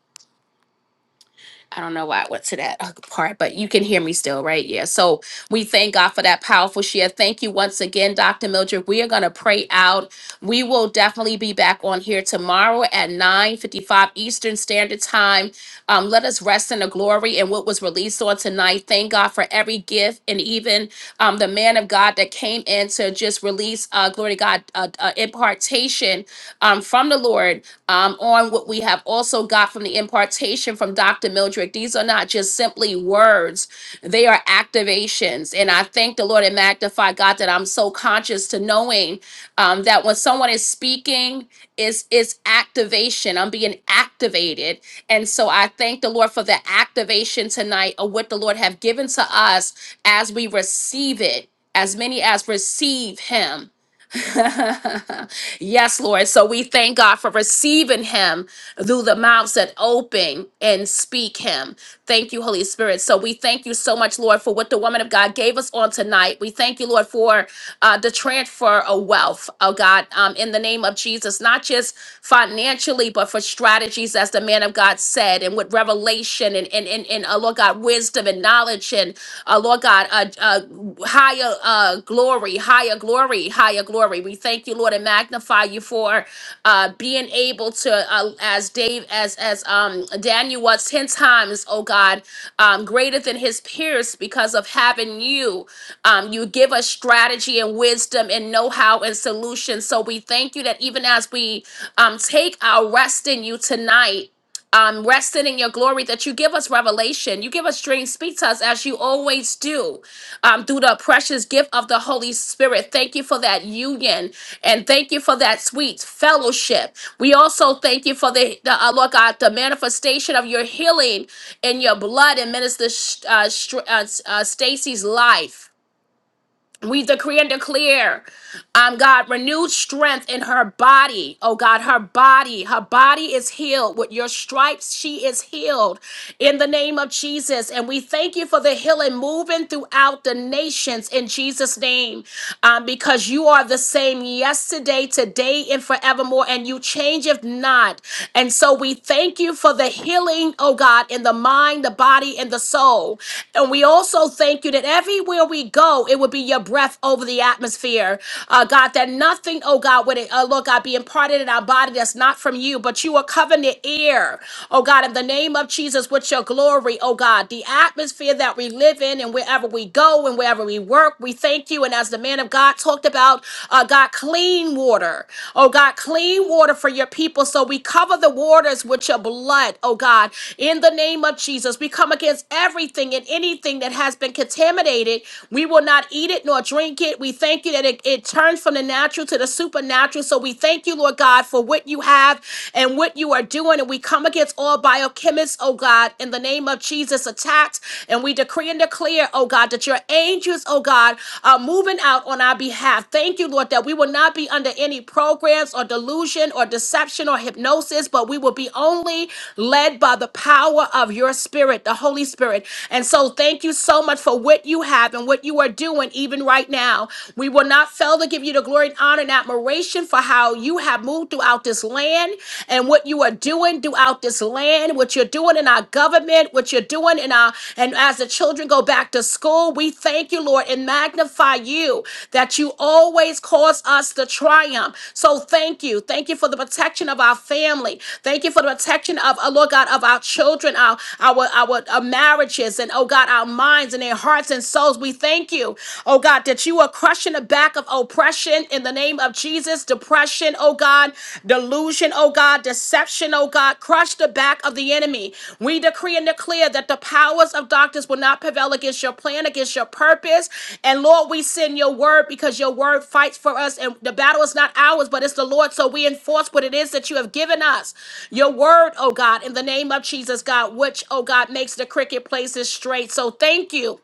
I don't know why I went to that uh, part, but you can hear me still, right? Yeah. So we thank God for that powerful share. Thank you once again, Dr. Mildred. We are going to pray out. We will definitely be back on here tomorrow at 9 55 Eastern Standard Time. Um, let us rest in the glory and what was released on tonight. Thank God for every gift and even um, the man of God that came in to just release, uh, glory to God, uh, uh, impartation um, from the Lord um, on what we have also got from the impartation from Dr. Mildred. These are not just simply words, they are activations. And I thank the Lord and magnify God that I'm so conscious to knowing um, that when someone is speaking, is is activation. I'm being activated. And so I thank the Lord for the activation tonight of what the Lord have given to us as we receive it, as many as receive him. Yes, Lord. So we thank God for receiving him through the mouths that open and speak him. Thank you, Holy Spirit. So we thank you so much, Lord, for what the woman of God gave us on tonight. We thank you, Lord, for uh, the transfer of wealth, oh God, um, in the name of Jesus, not just financially, but for strategies, as the man of God said, and with revelation and, and, and, and uh, Lord God, wisdom and knowledge and, uh, Lord God, uh. uh, higher uh glory higher glory higher glory we thank you lord and magnify you for uh being able to uh, as dave as as um daniel was 10 times oh god um greater than his peers because of having you um you give us strategy and wisdom and know-how and solutions so we thank you that even as we um take our rest in you tonight um, resting in your glory, that you give us revelation, you give us dreams, speak to us as you always do um, through the precious gift of the Holy Spirit. Thank you for that union and thank you for that sweet fellowship. We also thank you for the, the uh, Lord God, the manifestation of your healing in your blood and Minister Sh- uh, Str- uh, uh, Stacy's life. We decree and declare. Um, God, renewed strength in her body. Oh God, her body, her body is healed. With your stripes, she is healed in the name of Jesus. And we thank you for the healing moving throughout the nations in Jesus' name. Um, because you are the same yesterday, today, and forevermore, and you change if not. And so we thank you for the healing, oh God, in the mind, the body, and the soul. And we also thank you that everywhere we go, it will be your breath over the atmosphere atmosphere, uh, God, that nothing, oh God, would, uh, Lord God, be imparted in our body that's not from you, but you are covering the air, oh God, in the name of Jesus with your glory, oh God, the atmosphere that we live in and wherever we go and wherever we work, we thank you. And as the man of God talked about, uh, God, clean water, oh God, clean water for your people. So we cover the waters with your blood, oh God, in the name of Jesus. We come against everything and anything that has been contaminated. We will not eat it nor drink drink it. We thank you that it, it turns from the natural to the supernatural. So we thank you, Lord God, for what you have and what you are doing. And we come against all biochemists, oh God, in the name of Jesus, attacked. And we decree and declare, oh God, that your angels, oh God, are moving out on our behalf. Thank you, Lord, that we will not be under any programs or delusion or deception or hypnosis, but we will be only led by the power of your spirit, the Holy Spirit. And so thank you so much for what you have and what you are doing doing even right now. We will not fail to give you the glory and honor and admiration for how you have moved throughout this land and what you are doing throughout this land, what you're doing in our government, what you're doing in our, and as the children go back to school, we thank you, Lord, and magnify you that you always cause us to triumph. So thank you. Thank you for the protection of our family. Thank you for the protection of, uh, Lord God, of our children, our, our, our, our marriages, and oh God, our minds and their hearts and souls bills. We thank you, oh God, that you are crushing the back of oppression in the name of Jesus. Depression, oh God, delusion, oh God, deception, oh God, crush the back of the enemy. We decree and declare that the powers of darkness will not prevail against your plan, against your purpose. And Lord, we send your word because your word fights for us, and the battle is not ours, but it's the Lord. So we enforce what it is that you have given us. Your word, oh God, in the name of Jesus, God, which, oh God, makes the cricket places straight. So thank you.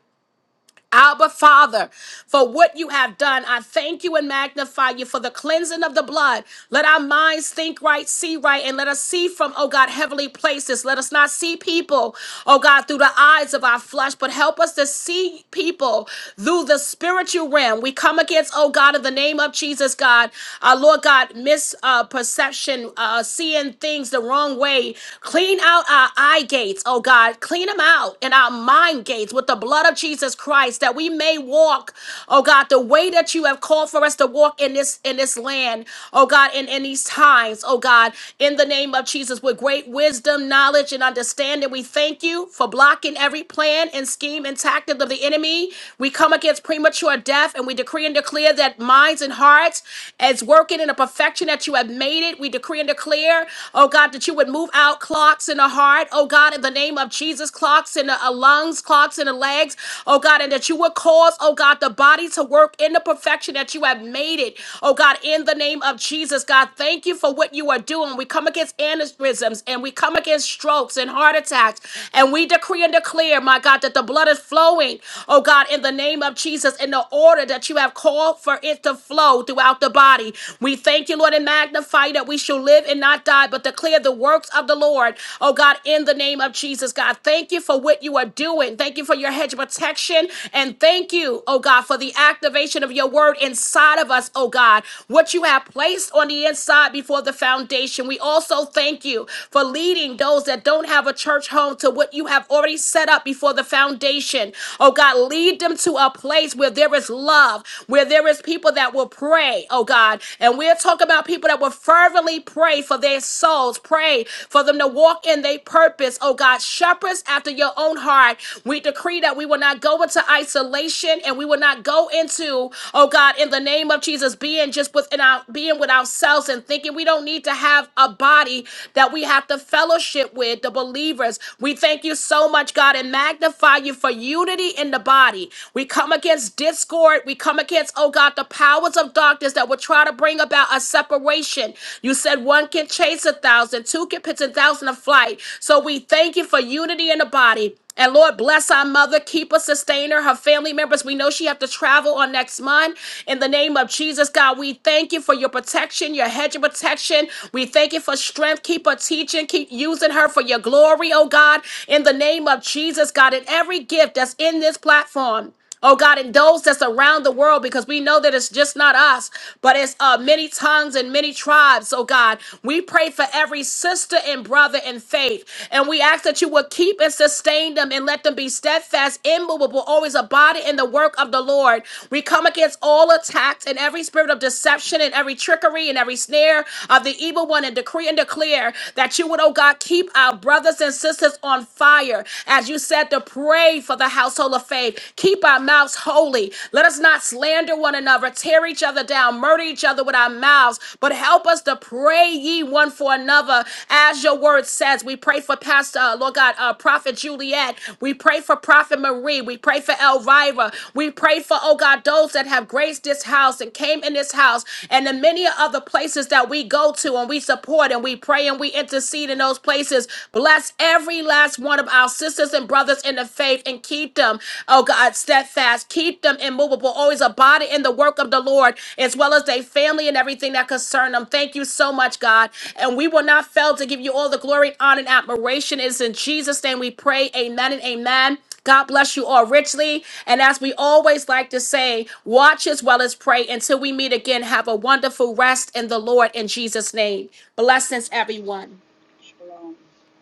Abba Father, for what you have done. I thank you and magnify you for the cleansing of the blood. Let our minds think right, see right, and let us see from, oh God, heavenly places. Let us not see people, oh God, through the eyes of our flesh, but help us to see people through the spiritual realm. We come against, oh God, in the name of Jesus, God, our Lord God, misperception, uh, perception, uh, seeing things the wrong way. Clean out our eye gates, oh God. Clean them out and our mind gates with the blood of Jesus Christ. Christ, that we may walk, oh God, the way that you have called for us to walk in this in this land, oh God, in, in these times, oh God, in the name of Jesus, with great wisdom, knowledge, and understanding. We thank you for blocking every plan and scheme and tactic of the enemy. We come against premature death and we decree and declare that minds and hearts is working in the perfection that you have made it. We decree and declare, oh God, that you would move out clocks in the heart, oh God, in the name of Jesus, clocks in the uh, lungs, clocks in the legs, oh God. God, and that you would cause, oh God, the body to work in the perfection that you have made it, oh God, in the name of Jesus. God, thank you for what you are doing. We come against aneurysms and we come against strokes and heart attacks, and we decree and declare, my God, that the blood is flowing, oh God, in the name of Jesus, in the order that you have called for it to flow throughout the body. We thank you, Lord, and magnify that we shall live and not die, but declare the works of the Lord, oh God, in the name of Jesus. God, thank you for what you are doing. Thank you for your hedge of protection action. And thank you, oh God, for the activation of your word inside of us, oh God, what you have placed on the inside before the foundation. We also thank you for leading those that don't have a church home to what you have already set up before the foundation. Oh God, lead them to a place where there is love, where there is people that will pray, oh God. And we'll talk about people that will fervently pray for their souls, pray for them to walk in their purpose, oh God. Shepherds after your own heart. We decree that we will not not go into isolation and we will not go into, oh God, in the name of Jesus, being just within our being with ourselves and thinking we don't need to have a body that we have to fellowship with, the believers. We thank you so much, God, and magnify you for unity in the body. We come against discord. We come against, oh God, the powers of darkness that would try to bring about a separation. You said one can chase a thousand, two can pitch a thousand of flight. So we thank you for unity in the body. And Lord, bless our mother, keep her, sustain her, her family members. We know she have to travel on next month. In the name of Jesus, God, we thank you for your protection, your hedge of protection. We thank you for strength. Keep her teaching, keep using her for your glory, oh God. In the name of Jesus, God, in every gift that's in this platform. Oh God, and those that's around the world, because we know that it's just not us, but it's uh, many tongues and many tribes. Oh God, we pray for every sister and brother in faith, and we ask that you would keep and sustain them and let them be steadfast, immovable, always abiding in the work of the Lord. We come against all attacks and every spirit of deception and every trickery and every snare of the evil one, and decree and declare that you would, oh God, keep keep our brothers and sisters on fire. As you said, to pray for the household of faith. Keep our mouths holy. Let us not slander one another, tear each other down, murder each other with our mouths, but help us to pray ye one for another. As your word says, we pray for Pastor, uh, Lord God, uh, Prophet Juliet. We pray for Prophet Marie. We pray for Elvira. We pray for, oh God, those that have graced this house and came in this house and in many other places that we go to and we support and we pray and we intercede in those places. Bless every last one of our sisters and brothers in the faith and keep them, oh God, steadfast. Keep them immovable, always abiding in the work of the Lord, as well as their family and everything that concern them. Thank you so much, God. And we will not fail to give you all the glory, honor, and admiration. It's in Jesus' name we pray. Amen and amen. God bless you all richly. And as we always like to say, watch as well as pray. Until we meet again, have a wonderful rest in the Lord in Jesus' name. Blessings, everyone.
Shalom.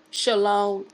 Shalom.